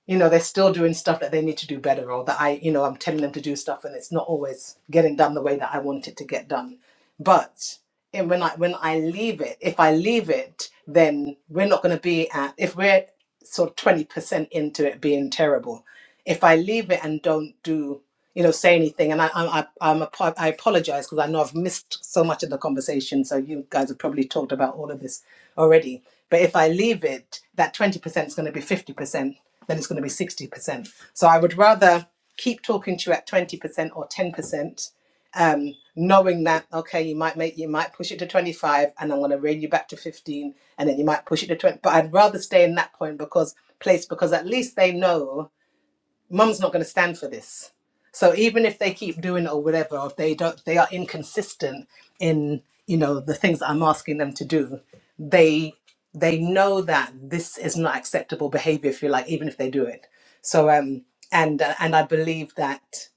[SPEAKER 4] you know they're still doing stuff that they need to do better or that i you know i'm telling them to do stuff and it's not always getting done the way that i want it to get done but and when I when I leave it, if I leave it, then we're not going to be at if we're sort of twenty percent into it being terrible. If I leave it and don't do, you know, say anything, and I I, I I'm a, I apologize because I know I've missed so much of the conversation. So you guys have probably talked about all of this already. But if I leave it, that twenty percent is going to be fifty percent. Then it's going to be sixty percent. So I would rather keep talking to you at twenty percent or ten percent um, knowing that okay, you might make you might push it to twenty five, and I'm going to rein you back to fifteen, and then you might push it to twenty. But I'd rather stay in that point because place because at least they know mum's not going to stand for this. So even if they keep doing it or whatever, or if they don't, they are inconsistent in you know the things that I'm asking them to do. They they know that this is not acceptable behavior. If you like, even if they do it. So um and uh, and I believe that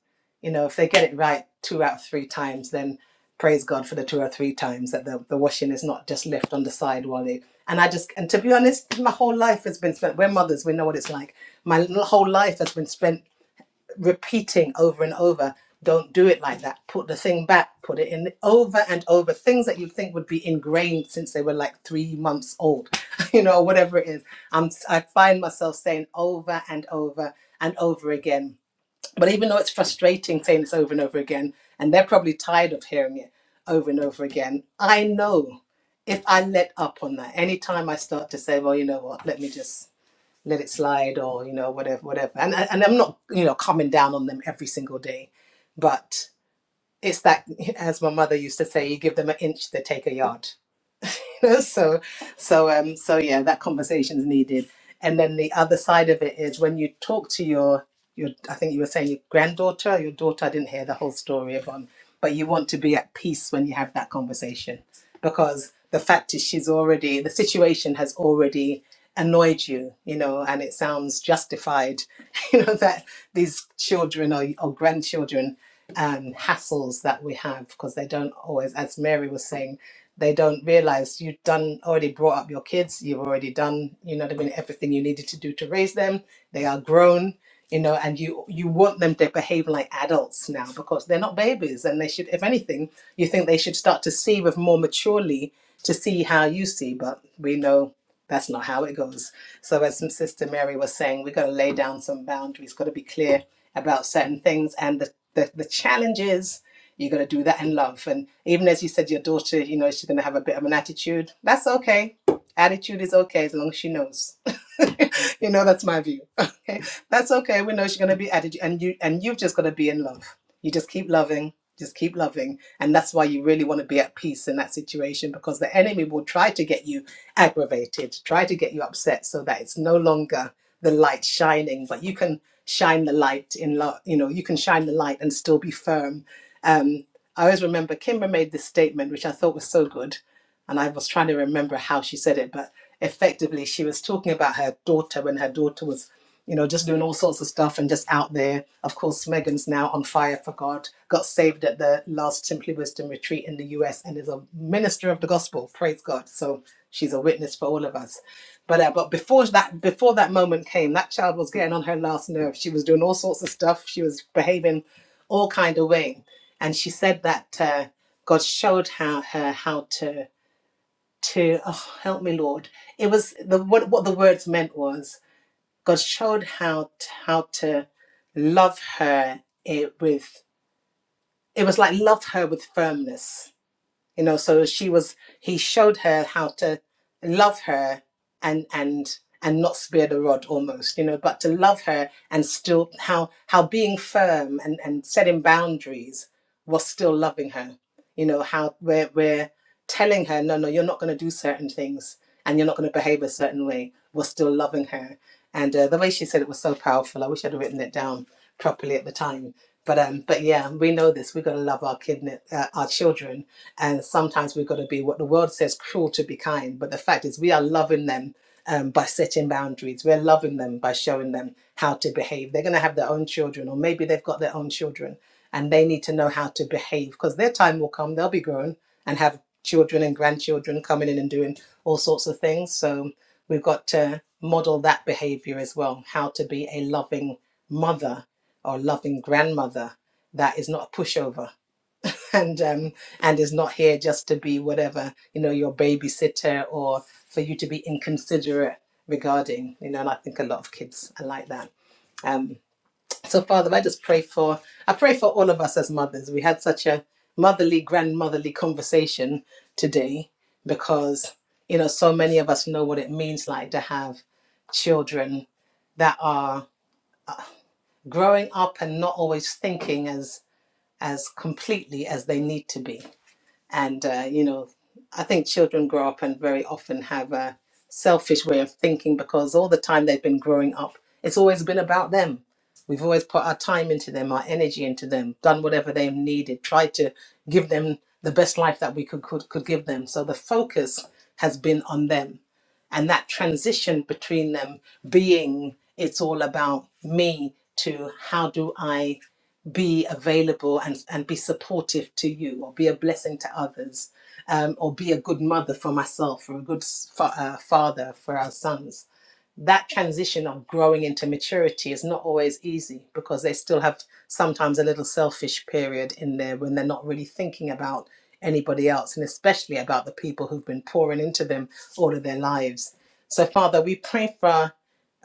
[SPEAKER 4] you know if they get it right two out of three times, then praise God for the two or three times that the, the washing is not just left on the side while they and I just and to be honest, my whole life has been spent. We're mothers, we know what it's like. My whole life has been spent repeating over and over, don't do it like that. Put the thing back, put it in over and over. Things that you think would be ingrained since they were like three months old, you know, whatever it is. I'm s- i am I find myself saying over and over and over again but even though it's frustrating saying this over and over again, and they're probably tired of hearing it over and over again, I know if I let up on that, anytime I start to say, well, you know what, let me just let it slide or, you know, whatever, whatever. And, and I'm not, you know, coming down on them every single day, but it's that, as my mother used to say, you give them an inch, they take a yard You know, so so um so yeah that conversation's needed and then the other side of it is when you talk to your your i think you were saying your granddaughter your daughter i didn't hear the whole story of on but you want to be at peace when you have that conversation because the fact is she's already the situation has already annoyed you you know and it sounds justified you know that these children or, or grandchildren um hassles that we have because they don't always as mary was saying they don't realize you've done already brought up your kids you've already done you know what i mean everything you needed to do to raise them they are grown you know and you you want them to behave like adults now because they're not babies and they should if anything you think they should start to see with more maturely to see how you see but we know that's not how it goes so as sister mary was saying we've got to lay down some boundaries got to be clear about certain things and the the, the challenges you're going to do that in love. And even as you said, your daughter, you know, she's going to have a bit of an attitude. That's okay. Attitude is okay as long as she knows. you know, that's my view. Okay. That's okay. We know she's going to be attitude. And, you, and you've just got to be in love. You just keep loving. Just keep loving. And that's why you really want to be at peace in that situation because the enemy will try to get you aggravated, try to get you upset so that it's no longer the light shining, but you can shine the light in love, you know, you can shine the light and still be firm um, I always remember Kimber made this statement, which I thought was so good. And I was trying to remember how she said it, but effectively, she was talking about her daughter when her daughter was, you know, just doing all sorts of stuff and just out there. Of course, Megan's now on fire for God, got saved at the last Simply Wisdom retreat in the US and is a minister of the gospel. Praise God. So she's a witness for all of us. But, uh, but before that before that moment came, that child was getting on her last nerve. She was doing all sorts of stuff. She was behaving all kind of way and she said that uh, God showed how, her how to to oh, help me, Lord. It was the what what the words meant was God showed how t- how to love her it with it was like love her with firmness, you know. So she was he showed her how to love her and and and not spare the rod almost you know but to love her and still how how being firm and and setting boundaries was still loving her you know how we're we're telling her no no you're not going to do certain things and you're not going to behave a certain way we're still loving her and uh, the way she said it was so powerful i wish i'd have written it down properly at the time but um but yeah we know this we've got to love our kid uh, our children and sometimes we've got to be what the world says cruel to be kind but the fact is we are loving them um, by setting boundaries we're loving them by showing them how to behave they're going to have their own children or maybe they've got their own children and they need to know how to behave because their time will come they'll be grown and have children and grandchildren coming in and doing all sorts of things so we've got to model that behavior as well how to be a loving mother or loving grandmother that is not a pushover and um, and is not here just to be whatever you know your babysitter or for you to be inconsiderate regarding you know and i think a lot of kids are like that Um. So, Father, I just pray for I pray for all of us as mothers. We had such a motherly, grandmotherly conversation today because you know so many of us know what it means like to have children that are growing up and not always thinking as as completely as they need to be and uh, you know i think children grow up and very often have a selfish way of thinking because all the time they've been growing up it's always been about them we've always put our time into them our energy into them done whatever they needed tried to give them the best life that we could could, could give them so the focus has been on them and that transition between them being it's all about me to how do i be available and, and be supportive to you or be a blessing to others um, or be a good mother for myself or a good s- fa- uh, father for our sons that transition of growing into maturity is not always easy because they still have sometimes a little selfish period in there when they're not really thinking about anybody else and especially about the people who've been pouring into them all of their lives so father we pray for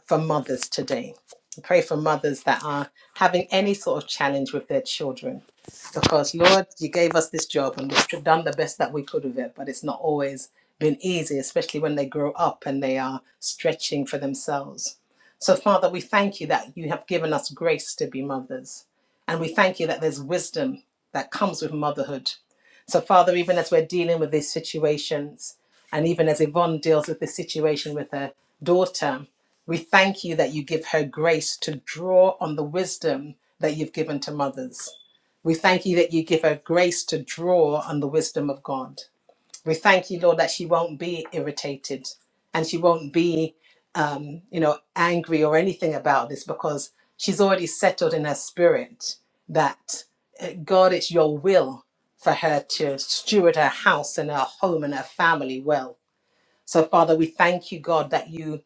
[SPEAKER 4] for mothers today. We pray for mothers that are having any sort of challenge with their children. Because, Lord, you gave us this job and we've done the best that we could with it, but it's not always been easy, especially when they grow up and they are stretching for themselves. So, Father, we thank you that you have given us grace to be mothers. And we thank you that there's wisdom that comes with motherhood. So, Father, even as we're dealing with these situations, and even as Yvonne deals with this situation with her daughter, we thank you that you give her grace to draw on the wisdom that you've given to mothers. We thank you that you give her grace to draw on the wisdom of God. We thank you, Lord, that she won't be irritated and she won't be, um, you know, angry or anything about this because she's already settled in her spirit that God, it's your will for her to steward her house and her home and her family well. So, Father, we thank you, God, that you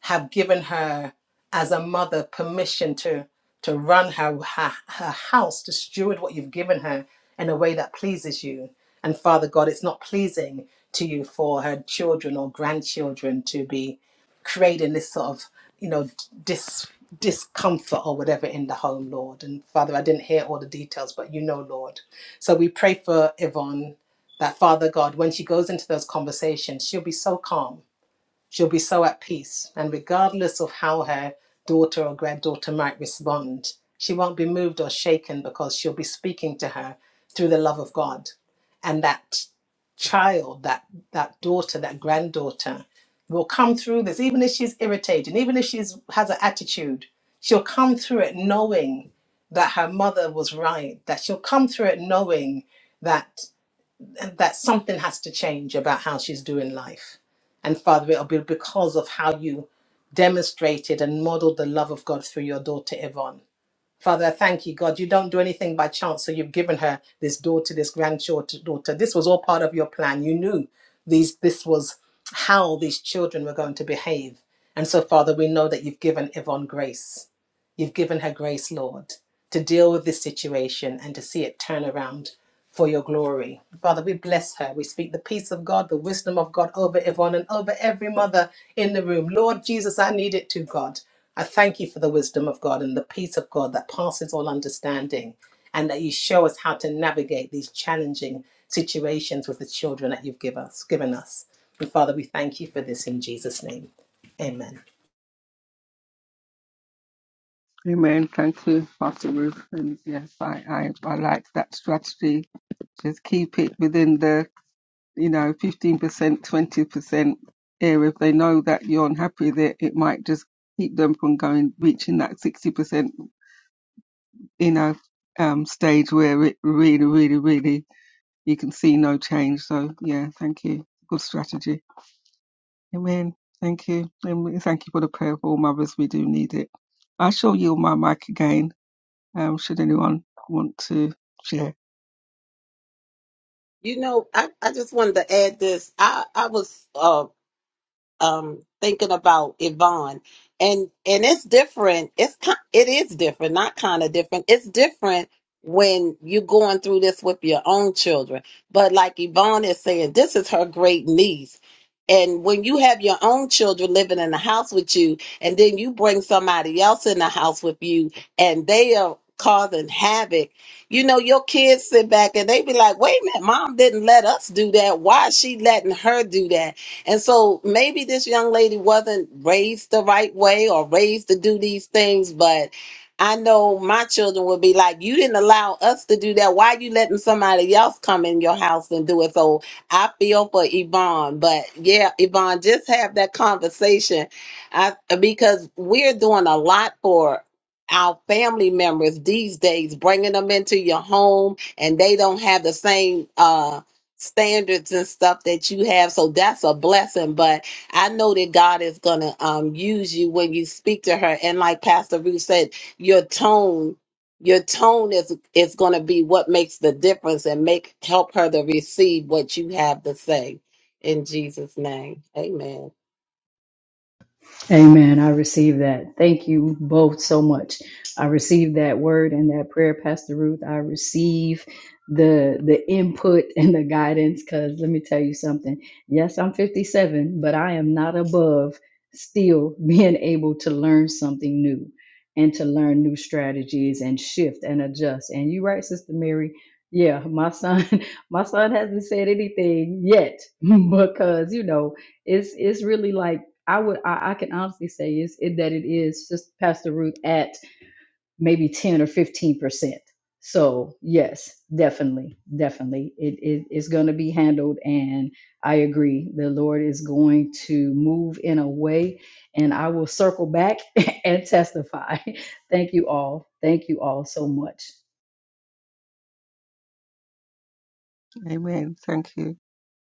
[SPEAKER 4] have given her as a mother permission to to run her, her her house to steward what you've given her in a way that pleases you and father god it's not pleasing to you for her children or grandchildren to be creating this sort of you know dis discomfort or whatever in the home lord and father i didn't hear all the details but you know lord so we pray for yvonne that father god when she goes into those conversations she'll be so calm She'll be so at peace, and regardless of how her daughter or granddaughter might respond, she won't be moved or shaken because she'll be speaking to her through the love of God. And that child, that, that daughter, that granddaughter will come through this, even if she's irritated, even if she's has an attitude, she'll come through it knowing that her mother was right, that she'll come through it knowing that that something has to change about how she's doing life. And Father, it'll be because of how you demonstrated and modeled the love of God through your daughter Yvonne. Father, I thank you, God. You don't do anything by chance. So you've given her this daughter, this granddaughter, daughter. This was all part of your plan. You knew these this was how these children were going to behave. And so, Father, we know that you've given Yvonne grace. You've given her grace, Lord, to deal with this situation and to see it turn around for your glory. Father, we bless her. We speak the peace of God, the wisdom of God over Yvonne and over every mother in the room. Lord Jesus, I need it too, God. I thank you for the wisdom of God and the peace of God that passes all understanding, and that you show us how to navigate these challenging situations with the children that you've give us, given us. And Father, we thank you for this in Jesus' name. Amen.
[SPEAKER 1] Amen. Thank you, Pastor Ruth. And yes, I, I, I like that strategy. Just keep it within the, you know, 15%, 20% area. If they know that you're unhappy there, it, it might just keep them from going, reaching that 60%, you know, um, stage where it really, really, really, you can see no change. So yeah, thank you. Good strategy. Amen. Thank you. And we thank you for the prayer for all mothers. We do need it. I shall yield my mic again um, should anyone want to share.
[SPEAKER 2] You know, I, I just wanted to add this. I, I was uh, um thinking about Yvonne and and it's different it's ki- it is different not kind of different it's different when you're going through this with your own children but like Yvonne is saying this is her great niece and when you have your own children living in the house with you and then you bring somebody else in the house with you and they are causing havoc you know your kids sit back and they be like wait a minute mom didn't let us do that why is she letting her do that and so maybe this young lady wasn't raised the right way or raised to do these things, but I know my children would be like, You didn't allow us to do that. Why are you letting somebody else come in your house and do it? So I feel for Yvonne. But yeah, Yvonne, just have that conversation. I because we're doing a lot for our family members these days, bringing them into your home, and they don't have the same uh standards and stuff that you have. So that's a blessing. But I know that God is gonna um use you when you speak to her. And like Pastor Ruth said, your tone, your tone is is gonna be what makes the difference and make help her to receive what you have to say in Jesus' name. Amen.
[SPEAKER 3] Amen. I receive that. Thank you both so much. I receive that word and that prayer, Pastor Ruth. I receive the the input and the guidance because let me tell you something. Yes, I'm 57, but I am not above still being able to learn something new and to learn new strategies and shift and adjust. And you are right, Sister Mary. Yeah, my son, my son hasn't said anything yet because you know it's it's really like I would I, I can honestly say is it, that it is just Pastor Ruth at maybe ten or fifteen percent. So yes, definitely, definitely, it it is going to be handled, and I agree. The Lord is going to move in a way, and I will circle back and testify. Thank you all. Thank you all so much.
[SPEAKER 1] Amen. Thank you.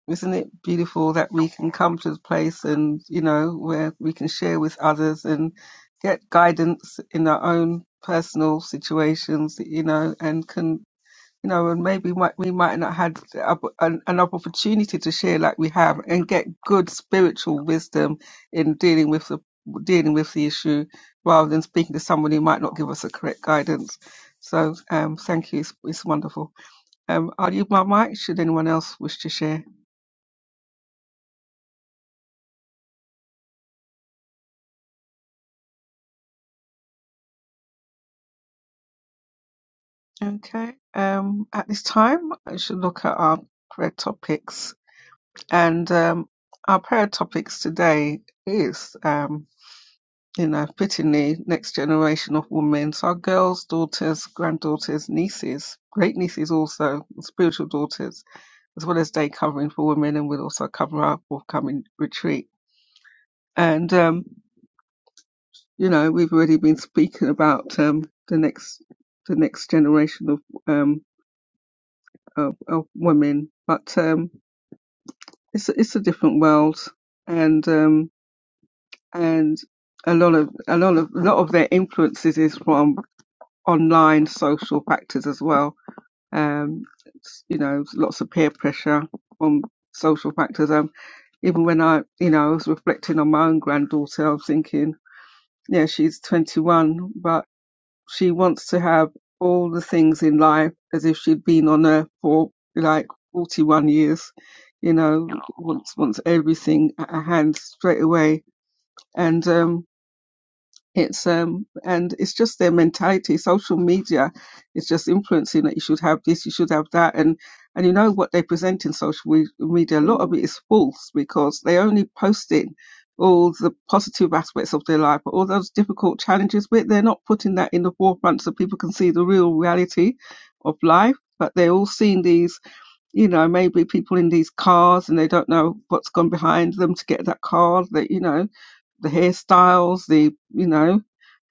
[SPEAKER 1] Isn't it beautiful that we can come to the place and, you know, where we can share with others and get guidance in our own personal situations, you know, and can you know, and maybe might, we might not had the an, an opportunity to share like we have and get good spiritual wisdom in dealing with the dealing with the issue rather than speaking to someone who might not give us the correct guidance. So um, thank you, it's, it's wonderful. Um, I'll use my mic should anyone else wish to share. Okay, um, at this time I should look at our prayer topics and um, our prayer topics today is. um. You know, our the next generation of women. So our girls, daughters, granddaughters, nieces, great nieces also, spiritual daughters, as well as day covering for women, and we'll also cover our forthcoming retreat. And um, you know, we've already been speaking about um, the next the next generation of um, of, of women, but um, it's a- it's a different world, and um, and a lot of a lot of a lot of their influences is from online social factors as well. Um, s- you know, lots of peer pressure on social factors. Um, even when I, you know, I was reflecting on my own granddaughter, I was thinking, yeah, she's 21, but she wants to have all the things in life as if she'd been on earth for like 41 years. You know, wants wants everything at her hand straight away, and um, it's um and it's just their mentality. Social media is just influencing that you should have this, you should have that, and and you know what they present in social we- media. A lot of it is false because they only posting all the positive aspects of their life, but all those difficult challenges. But they're not putting that in the forefront so people can see the real reality of life. But they're all seeing these you know, maybe people in these cars and they don't know what's gone behind them to get that car, that, you know, the hairstyles, the, you know,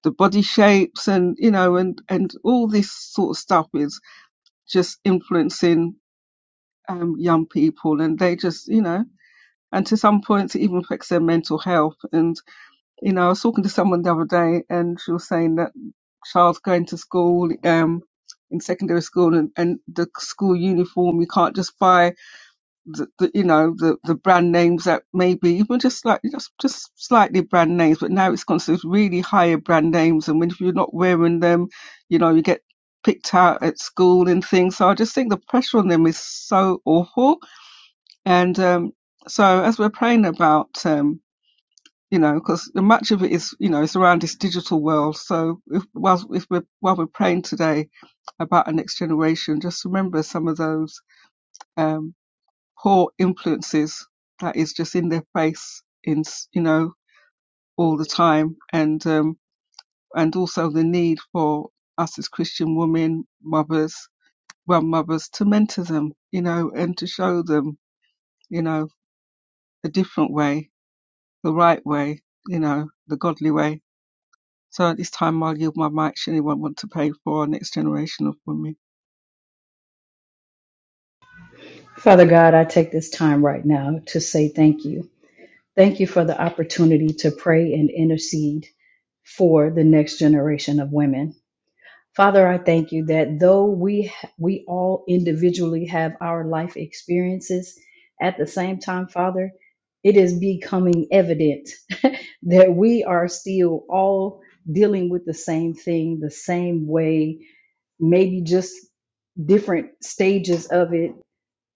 [SPEAKER 1] the body shapes and, you know, and, and all this sort of stuff is just influencing um, young people and they just, you know, and to some points it even affects their mental health. And, you know, I was talking to someone the other day and she was saying that child's going to school, um, in secondary school and, and the school uniform, you can't just buy the, the you know the the brand names that maybe even just like just just slightly brand names, but now it's gone to really higher brand names, and when if you're not wearing them, you know you get picked out at school and things. So I just think the pressure on them is so awful, and um, so as we're praying about. Um, you know, because much of it is, you know, it's around this digital world. So, if, whilst if we're while we're praying today about our next generation, just remember some of those um, poor influences that is just in their face in you know all the time and um and also the need for us as christian women mothers grandmothers to mentor them you know and to show them you know a different way the right way you know the godly way so at this time i'll give my mic she won't want to pay for our next generation of women
[SPEAKER 3] Father God, I take this time right now to say thank you. Thank you for the opportunity to pray and intercede for the next generation of women. Father, I thank you that though we we all individually have our life experiences, at the same time, Father, it is becoming evident that we are still all dealing with the same thing, the same way, maybe just different stages of it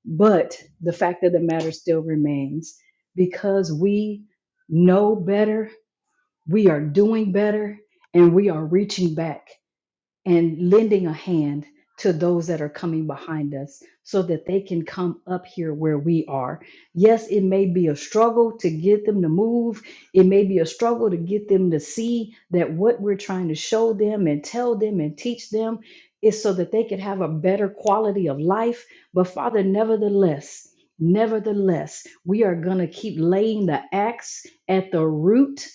[SPEAKER 3] but the fact of the matter still remains because we know better, we are doing better, and we are reaching back and lending a hand to those that are coming behind us so that they can come up here where we are. Yes, it may be a struggle to get them to move. It may be a struggle to get them to see that what we're trying to show them and tell them and teach them is so that they could have a better quality of life. But Father, nevertheless, nevertheless, we are going to keep laying the axe at the root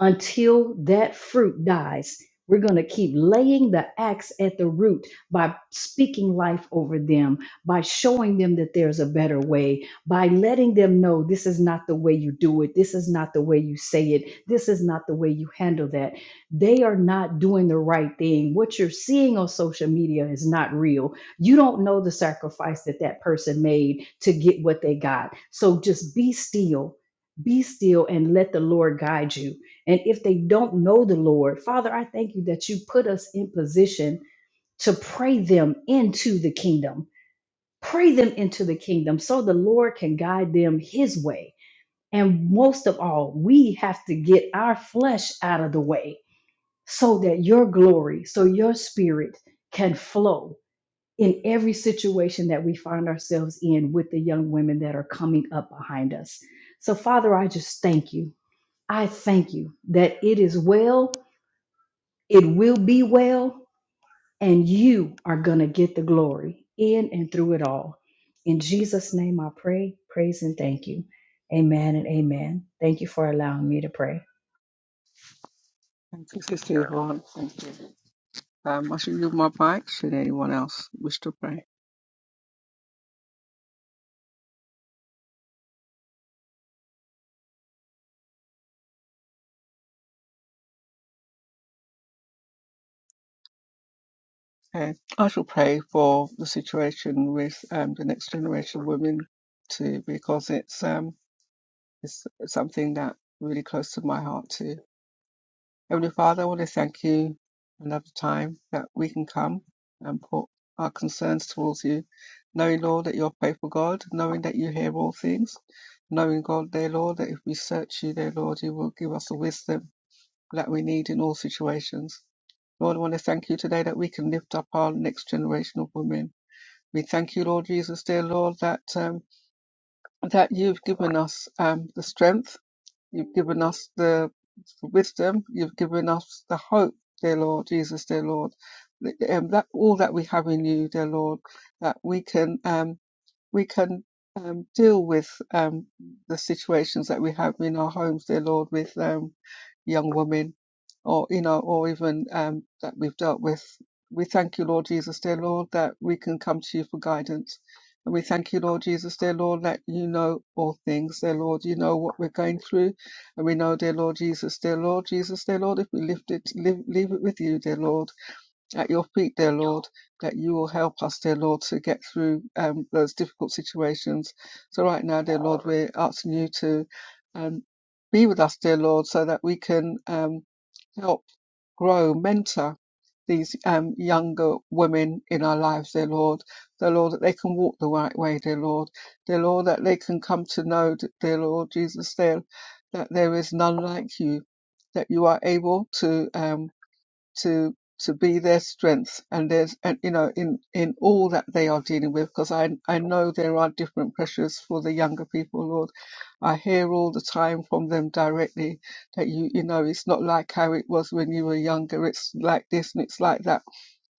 [SPEAKER 3] until that fruit dies. We're going to keep laying the axe at the root by speaking life over them, by showing them that there's a better way, by letting them know this is not the way you do it, this is not the way you say it, this is not the way you handle that. They are not doing the right thing. What you're seeing on social media is not real. You don't know the sacrifice that that person made to get what they got. So just be still, be still, and let the Lord guide you and if they don't know the Lord, Father, I thank you that you put us in position to pray them into the kingdom. Pray them into the kingdom so the Lord can guide them his way. And most of all, we have to get our flesh out of the way so that your glory, so your spirit can flow in every situation that we find ourselves in with the young women that are coming up behind us. So, Father, I just thank you. I thank you that it is well It will be well, and you are going to get the glory in and through it all. In Jesus' name I pray, praise, and thank you. Amen and amen. Thank you for allowing me to pray.
[SPEAKER 1] thank you sister yvonne thank you um, I should yield my mic should anyone else wish to pray. Okay. I shall pray for the situation with um, the next generation of women too, because it's um it's something that really close to my heart too. Heavenly Father, I want to thank you another time that we can come and put our concerns towards you, knowing Lord that you're a faithful God, knowing that you hear all things, knowing God, dear Lord, that if we search you, dear Lord, you will give us the wisdom that we need in all situations. Lord, I want to thank you today that we can lift up our next generation of women we thank you, Lord Jesus, dear Lord, that um, that you've given us um, the strength, you've given us the wisdom, you've given us the hope, dear Lord Jesus, dear Lord. Um, that all that we have in you, dear Lord, that we can. um, we can um, deal with um, the situations that we have in our homes, dear Lord, with um, young women, or you know, or even um, that we've dealt with. We thank you, Lord Jesus, dear Lord, that we can come to you for guidance. And we thank you, Lord Jesus, dear Lord, that you know all things, dear Lord. You know what we're going through. And we know, dear Lord Jesus, dear Lord Jesus, dear Lord, if we lift it, leave, leave it with you, dear Lord at your feet, dear Lord, that you will help us, dear Lord, to get through um, those difficult situations. So, right now, dear Lord, we're asking you to um, be with us, dear Lord, so that we can um, help grow, mentor these um, younger women in our lives, dear Lord. Dear Lord, that they can walk the right way, dear Lord. Dear Lord, that they can come to know, dear Lord Jesus, dear, that there is none like you, that you are able to. Um, to to be their strength and there's and you know in in all that they are dealing with because I I know there are different pressures for the younger people Lord I hear all the time from them directly that you you know it's not like how it was when you were younger it's like this and it's like that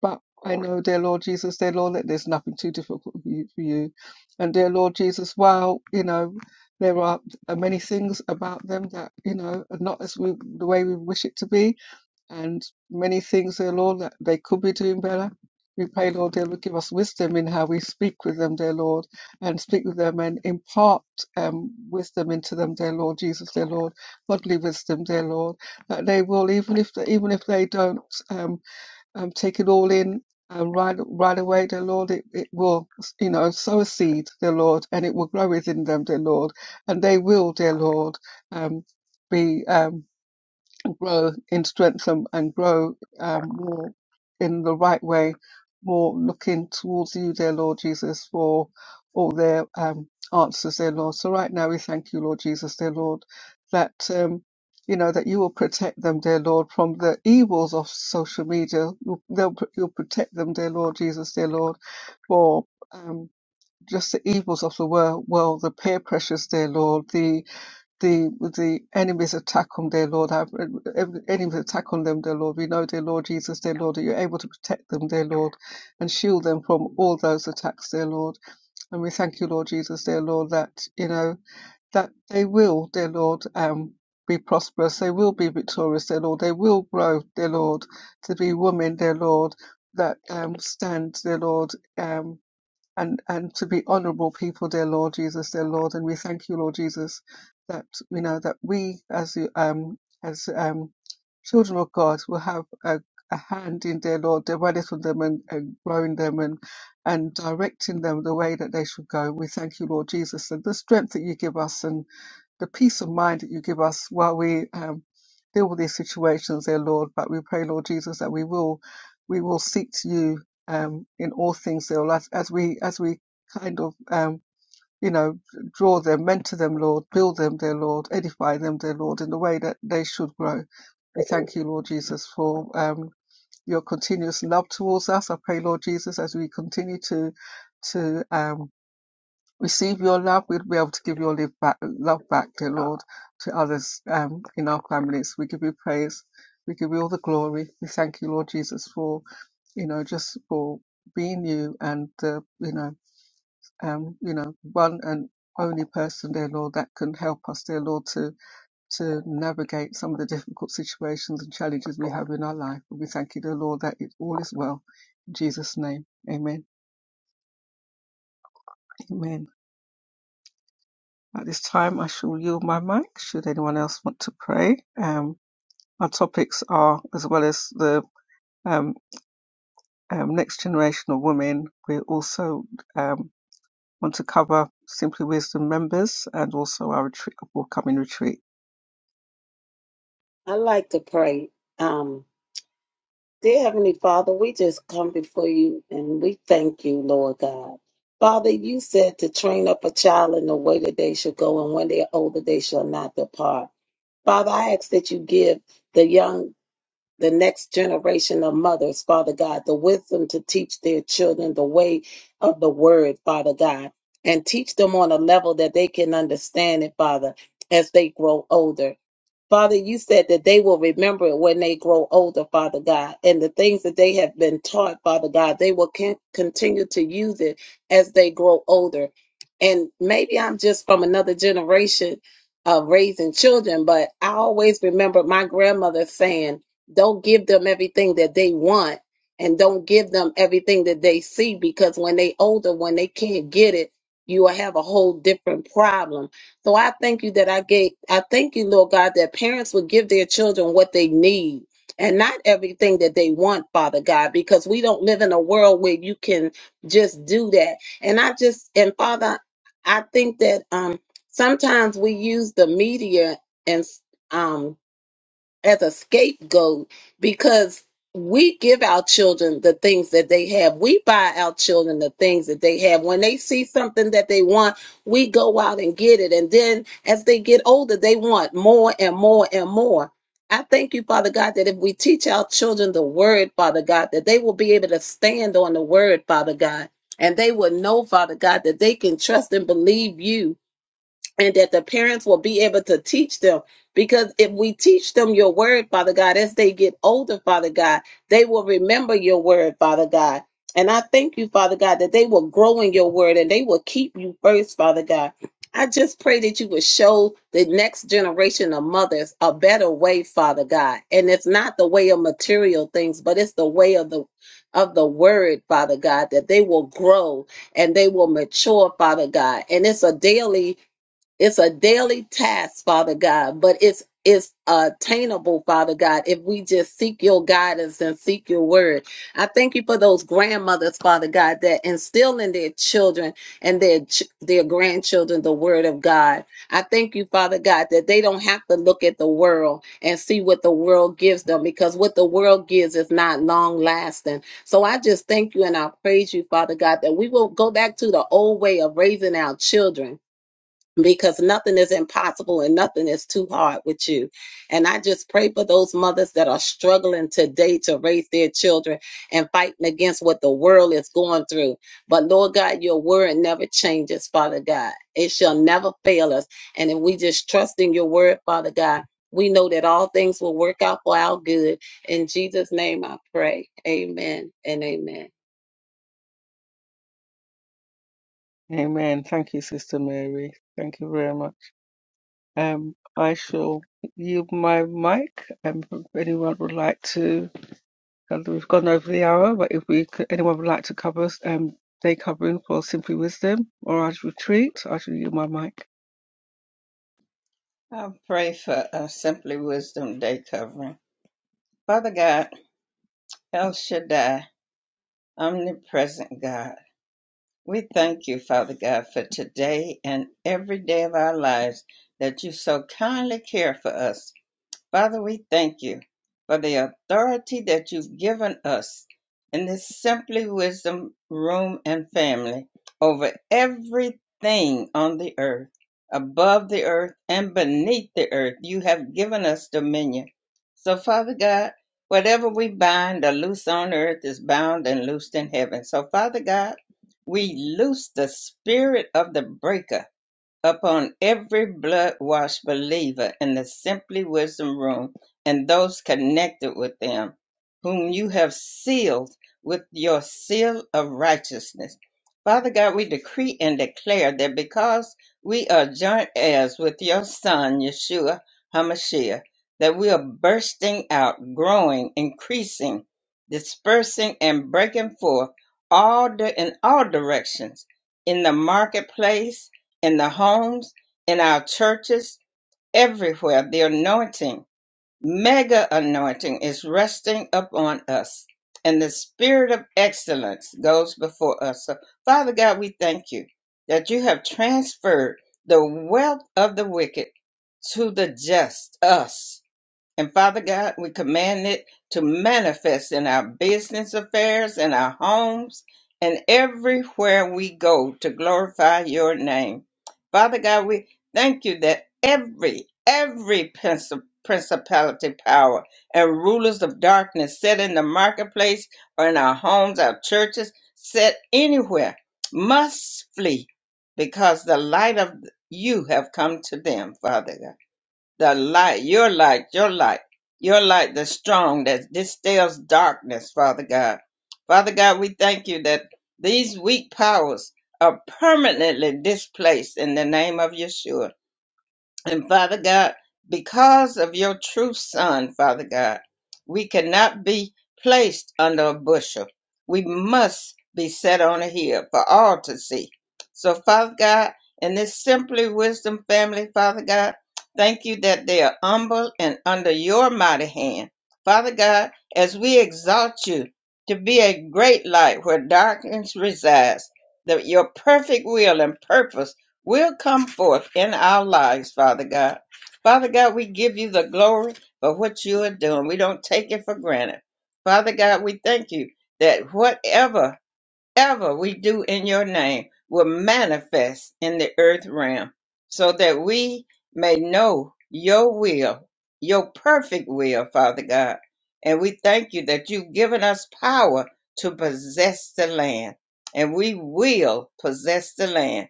[SPEAKER 1] but I know dear Lord Jesus dear Lord that there's nothing too difficult for you, for you. and dear Lord Jesus while you know there are many things about them that you know are not as we the way we wish it to be and many things, dear Lord, that they could be doing better. We pray, Lord, they will give us wisdom in how we speak with them, dear Lord, and speak with them and impart um, wisdom into them, dear Lord Jesus, dear Lord, godly wisdom, dear Lord, that they will, even if they, even if they don't um, um, take it all in um, right right away, dear Lord, it, it will, you know, sow a seed, dear Lord, and it will grow within them, dear Lord, and they will, dear Lord, um, be. Um, grow in strength and, and grow um, more in the right way, more looking towards you, dear Lord Jesus, for all their um, answers, dear Lord. So right now we thank you, Lord Jesus, dear Lord, that um, you know that you will protect them, dear Lord, from the evils of social media. You'll, they'll, you'll protect them, dear Lord Jesus, dear Lord, for um, just the evils of the world, Well, the peer pressures, dear Lord, the the the enemy's attack on their Lord, our enemy's attack on them, dear Lord. We know, dear Lord Jesus, dear Lord, that you're able to protect them, dear Lord, and shield them from all those attacks, dear Lord. And we thank you, Lord Jesus, dear Lord, that you know that they will, dear Lord, um, be prosperous. They will be victorious, dear Lord. They will grow, dear Lord, to be women, dear Lord, that um stand, dear Lord, um and and to be honorable people, dear Lord Jesus, dear Lord, and we thank you, Lord Jesus, that you know that we as you um as um children of God will have a, a hand in dear Lord, developing them and, and growing them and and directing them the way that they should go. We thank you, Lord Jesus, and the strength that you give us and the peace of mind that you give us while we um, deal with these situations, dear Lord. But we pray, Lord Jesus, that we will we will seek to you um, in all things, dear Lord, as, as we as we kind of um, you know draw them, mentor them, Lord, build them, dear Lord, edify them, dear Lord, in the way that they should grow. We thank you, Lord Jesus, for um, your continuous love towards us. I pray, Lord Jesus, as we continue to to um, receive your love, we'll be able to give your live back, love back, dear Lord, to others um, in our families. We give you praise. We give you all the glory. We thank you, Lord Jesus, for you know just for being you and uh, you know um, you know one and only person, dear Lord, that can help us, dear Lord, to to navigate some of the difficult situations and challenges we have in our life. We thank you, dear Lord, that it all is well. In Jesus' name, Amen. Amen. At this time, I shall yield my mic should anyone else want to pray. Um, our topics are, as well as the um, um, next generation of women, we also um, want to cover Simply Wisdom members and also our retreat, upcoming retreat.
[SPEAKER 2] I like to pray. Um Dear Heavenly Father, we just come before you and we thank you, Lord God. Father, you said to train up a child in the way that they should go, and when they are older, they shall not depart. Father, I ask that you give the young, the next generation of mothers, Father God, the wisdom to teach their children the way of the word, Father God, and teach them on a level that they can understand it, Father, as they grow older. Father, you said that they will remember it when they grow older, Father God. And the things that they have been taught, Father God, they will can- continue to use it as they grow older. And maybe I'm just from another generation of raising children, but I always remember my grandmother saying, don't give them everything that they want and don't give them everything that they see because when they older, when they can't get it, you will have a whole different problem so I thank you that I gave, I thank you, Lord God, that parents would give their children what they need and not everything that they want, Father God, because we don't live in a world where you can just do that. And I just, and Father, I think that um, sometimes we use the media and um, as a scapegoat because we give our children the things that they have. We buy our children the things that they have. When they see something that they want, we go out and get it. And then as they get older, they want more and more and more. I thank you, Father God, that if we teach our children the word, Father God, that they will be able to stand on the word, Father God. And they will know, Father God, that they can trust and believe you and that the parents will be able to teach them. Because if we teach them your word, Father God, as they get older, Father God, they will remember your word, Father God. And I thank you, Father God, that they will grow in your word and they will keep you first, Father God. I just pray that you would show the next generation of mothers a better way, Father God. And it's not the way of material things, but it's the way of the of the word, Father God, that they will grow and they will mature, Father God. And it's a daily it's a daily task, Father God, but it's it's attainable, Father God, if we just seek your guidance and seek your word. I thank you for those grandmothers, Father God, that instill in their children and their ch- their grandchildren the word of God. I thank you, Father God, that they don't have to look at the world and see what the world gives them because what the world gives is not long lasting. So I just thank you and I praise you, Father God, that we will go back to the old way of raising our children because nothing is impossible and nothing is too hard with you. And I just pray for those mothers that are struggling today to raise their children and fighting against what the world is going through. But Lord God, your word never changes, Father God. It shall never fail us. And if we just trust in your word, Father God, we know that all things will work out for our good. In Jesus' name I pray. Amen and amen.
[SPEAKER 1] Amen. Thank you, Sister Mary. Thank you very much. Um, I shall yield my mic. Um, if anyone would like to So we've gone over the hour, but if we could, anyone would like to cover um, day covering for Simply Wisdom or our retreat, I should use my mic.
[SPEAKER 5] I pray for a Simply Wisdom Day covering. Father God, El Shaddai, omnipresent God, we thank you, Father God, for today and every day of our lives that you so kindly care for us. Father, we thank you for the authority that you've given us in this Simply Wisdom room and family over everything on the earth, above the earth and beneath the earth. You have given us dominion. So, Father God, whatever we bind or loose on earth is bound and loosed in heaven. So, Father God, we loose the spirit of the breaker upon every blood washed believer in the Simply Wisdom Room and those connected with them, whom you have sealed with your seal of righteousness. Father God, we decree and declare that because we are joint heirs with your Son, Yeshua HaMashiach, that we are bursting out, growing, increasing, dispersing, and breaking forth all di- in all directions in the marketplace in the homes, in our churches, everywhere. The anointing, mega anointing, is resting upon us. And the spirit of excellence goes before us. So, Father God, we thank you that you have transferred the wealth of the wicked to the just, us. And Father God, we command it to manifest in our business affairs, in our homes, and everywhere we go to glorify your name. Father God, we thank you that every, every princi- principality, power, and rulers of darkness set in the marketplace or in our homes, our churches, set anywhere, must flee because the light of you have come to them, Father God. The light, your light, your light, your light that's strong, that distills darkness, Father God. Father God, we thank you that these weak powers are permanently displaced in the name of Yeshua. And Father God, because of your true Son, Father God, we cannot be placed under a bushel. We must be set on a hill for all to see. So, Father God, in this Simply Wisdom family, Father God, thank you that they are humble and under your mighty hand. Father God, as we exalt you to be a great light where darkness resides, that your perfect will and purpose will come forth in our lives, Father God. Father God, we give you the glory for what you are doing. We don't take it for granted. Father God, we thank you that whatever whatever we do in your name will manifest in the earth realm so that we may know your will, your perfect will, Father God. And we thank you that you've given us power to possess the land, and we will possess the land.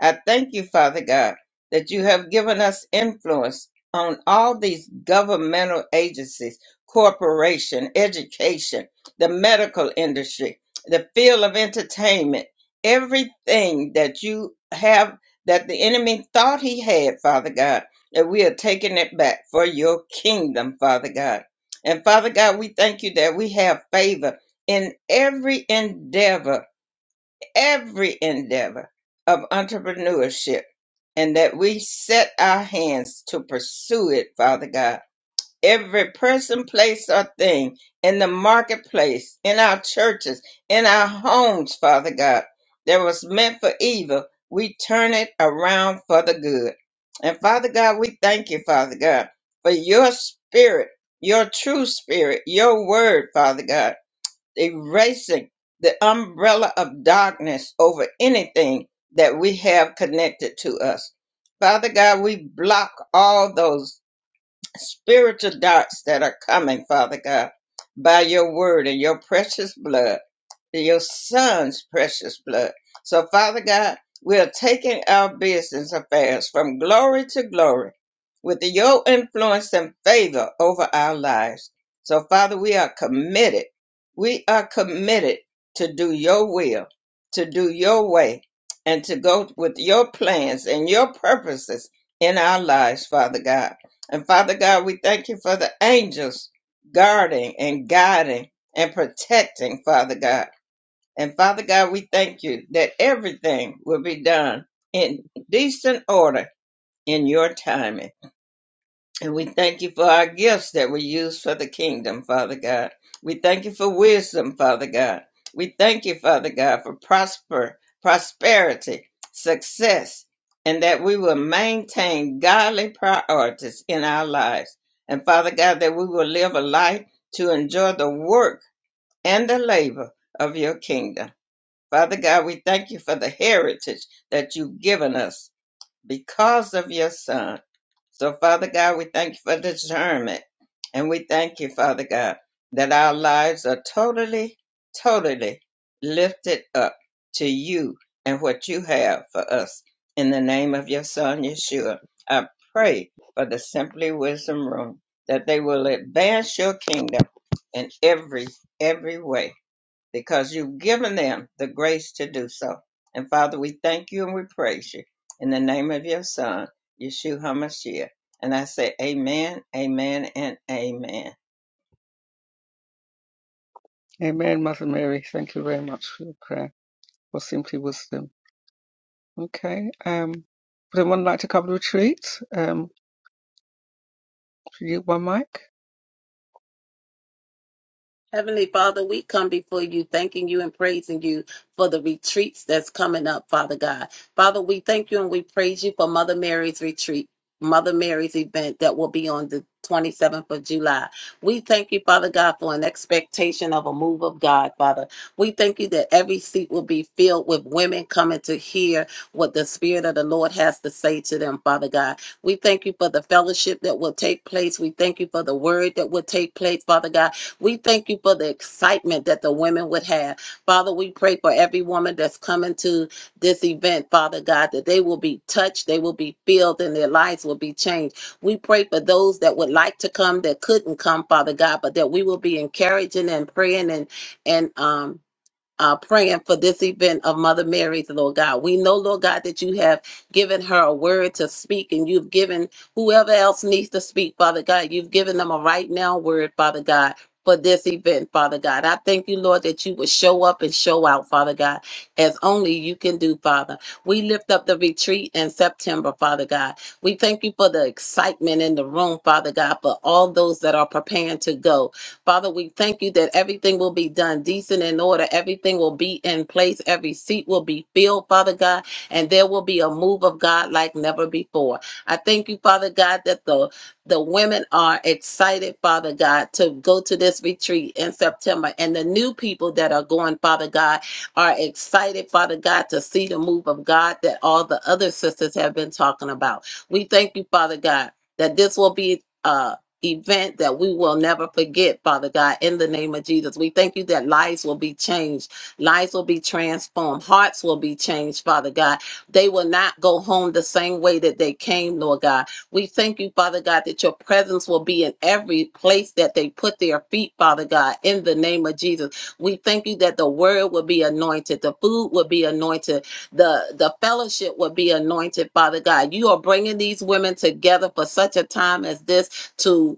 [SPEAKER 5] I thank you, Father God, that you have given us influence on all these governmental agencies, corporation, education, the medical industry, the field of entertainment, everything that you have that the enemy thought he had, Father God, that we are taking it back for your kingdom, Father God. And Father God, we thank you that we have favor in every endeavor, every endeavor of entrepreneurship, and that we set our hands to pursue it, Father God every person, place, or thing in the marketplace, in our churches, in our homes, Father God, that was meant for evil, we turn it around for the good. And Father God, we thank you, Father God, for your spirit, your true spirit, your word, Father God, erasing the umbrella of darkness over anything that we have connected to us. Father God, we block all those spiritual darts that are coming, Father God, by your word and your precious blood, your son's precious blood. So, Father God, we are taking our business affairs from glory to glory with your influence and favor over our lives. So, Father, we are committed. We are committed to do your will, to do your way, and to go with your plans and your purposes in our lives, Father God. And Father God, we thank you for the angels guarding and guiding and protecting, Father God. And Father God, we thank you that everything will be done in decent order in your timing. And we thank you for our gifts that we use for the kingdom, Father God. We thank you for wisdom, Father God. We thank you, Father God, for prosper, prosperity, success, and that we will maintain godly priorities in our lives. And Father God, that we will live a life to enjoy the work and the labor of your kingdom. Father God, we thank you for the heritage that you've given us because of your son. So, Father God, we thank you for discernment. And we thank you, Father God, that our lives are totally, totally lifted up to you and what you have for us. In the name of your Son, Yeshua, I pray for the Simply Wisdom Room that they will advance your kingdom in every, every way because you've given them the grace to do so. And Father, we thank you and we praise you in the name of your Son, Yeshua HaMashiach. And I say, Amen, Amen, and Amen.
[SPEAKER 1] Amen, Mother Mary. Thank you very much for your prayer for Simply Wisdom. Okay. Um, would anyone like to cover the retreat? Um, should you use my mic?
[SPEAKER 2] Heavenly Father, we come before you, thanking you and praising you for the retreats that's coming up, Father God. Father, we thank you and we praise you for Mother Mary's retreat, Mother Mary's event that will be on the 27th of July. We thank you, Father God, for an expectation of a move of God, Father. We thank you that every seat will be filled with women coming to hear what the Spirit of the Lord has to say to them, Father God. We thank you for the fellowship that will take place. We thank you for the word that will take place, Father God. We thank you for the excitement that the women would have. Father, we pray for every woman that's coming to this event, Father God, that they will be touched, they will be filled, and their lives will be changed. We pray for those that would like to come that couldn't come, Father God, but that we will be encouraging and praying and and um uh, praying for this event of Mother Mary's, Lord God. We know, Lord God, that you have given her a word to speak, and you've given whoever else needs to speak, Father God, you've given them a right now word, Father God. For this event, Father God. I thank you, Lord, that you would show up and show out, Father God, as only you can do, Father. We lift up the retreat in September, Father God. We thank you for the excitement in the room, Father God, for all those that are preparing to go. Father, we thank you that everything will be done decent and order. Everything will be in place. Every seat will be filled, Father God, and there will be a move of God like never before. I thank you, Father God, that the the women are excited, Father God, to go to this retreat in September. And the new people that are going, Father God, are excited, Father God, to see the move of God that all the other sisters have been talking about. We thank you, Father God, that this will be. uh event that we will never forget, Father God, in the name of Jesus. We thank you that lives will be changed, lives will be transformed, hearts will be changed, Father God. They will not go home the same way that they came, Lord God. We thank you, Father God, that your presence will be in every place that they put their feet, Father God, in the name of Jesus. We thank you that the word will be anointed, the food will be anointed, the, the fellowship will be anointed, Father God. You are bringing these women together for such a time as this to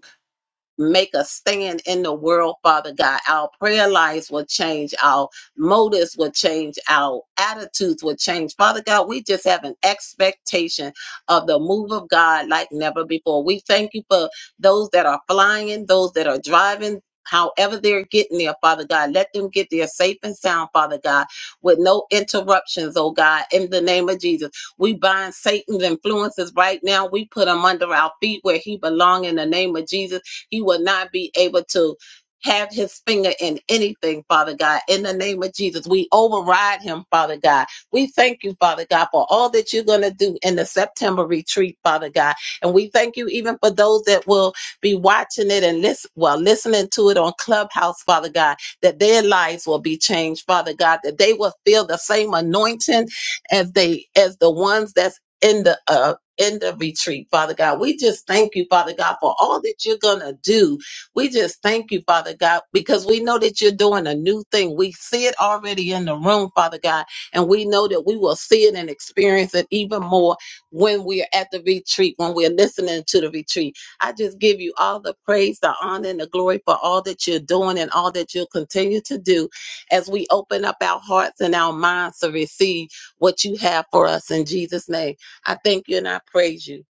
[SPEAKER 2] make a stand in the world, Father God. Our prayer lives will change, our motives will change, our attitudes will change. Father God, we just have an expectation of the move of God like never before. We thank you for those that are flying, those that are driving. However, they're getting there, Father God, let them get there safe and sound, Father God, with no interruptions, oh God, in the name of Jesus. We bind Satan's influences right now. We put him under our feet where he belongs in the name of Jesus he will not be able to have his finger in anything, Father God. In the name of Jesus, we override him, Father God. We thank you, Father God, for all that you're going to do in the September retreat, Father God. And we thank you even for those that will be watching it and listen, well, listening to it on Clubhouse, Father God, that their lives will be changed, Father God, that they will feel the same anointing as they, as the ones that's in the uh, in the retreat, Father God. We just thank you, Father God, for all that you're going to do. We just thank you, Father God, because we know that you're doing a new thing. We see it already in the room, Father God, and we know that we will see it and experience it even more when we're at the retreat, when we're listening to the retreat. I just give you all the praise, the honor, and the glory for all that you're doing and all that you'll continue to do as we open up our hearts and our minds to receive what you have for us in Jesus' name. I thank you and I praise you.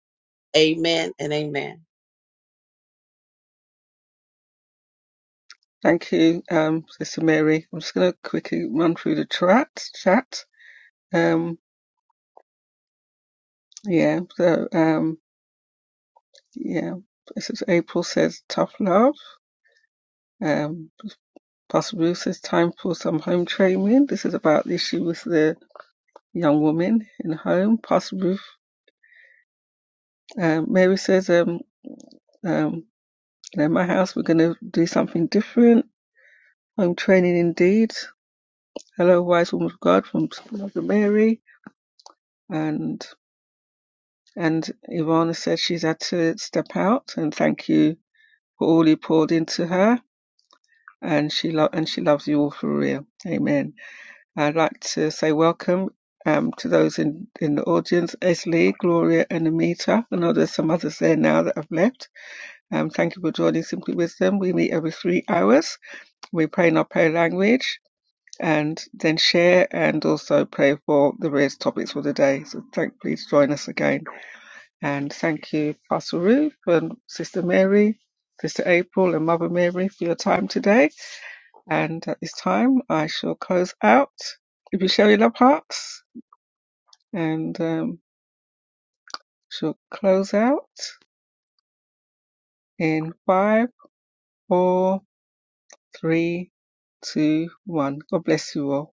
[SPEAKER 2] Amen and amen.
[SPEAKER 1] Thank you, um, Sister Mary. I'm just going to quickly run through the chat. Chat. Um, yeah. So um, yeah. This is April says tough love. Um. Pastor Ruth says time for some home training. This is about the issue with the young woman in home. Pastor Ruth um, Mary says, um, um, you know, my house, we're going to do something different. Home training indeed. Hello, wise woman of God from Mother Mary. And and Ivana says she's had to step out and thank you for all you poured into her. And she lo- and she loves you all for real. Amen. I'd like to say welcome um, to those in, in the audience, Esli, Gloria, and Amita. I know there's some others there now that have left. Um, thank you for joining Simply Wisdom. We meet every three hours. We pray in our prayer language and then share and also pray for the various topics for the day. So thank, please join us again. And thank you, Pastor Ruth and Sister Mary, Sister April and Mother Mary for your time today. And at this time, I shall close out. If you show your love hearts. And um, she'll close out in five, four, three, two, one. God bless you all.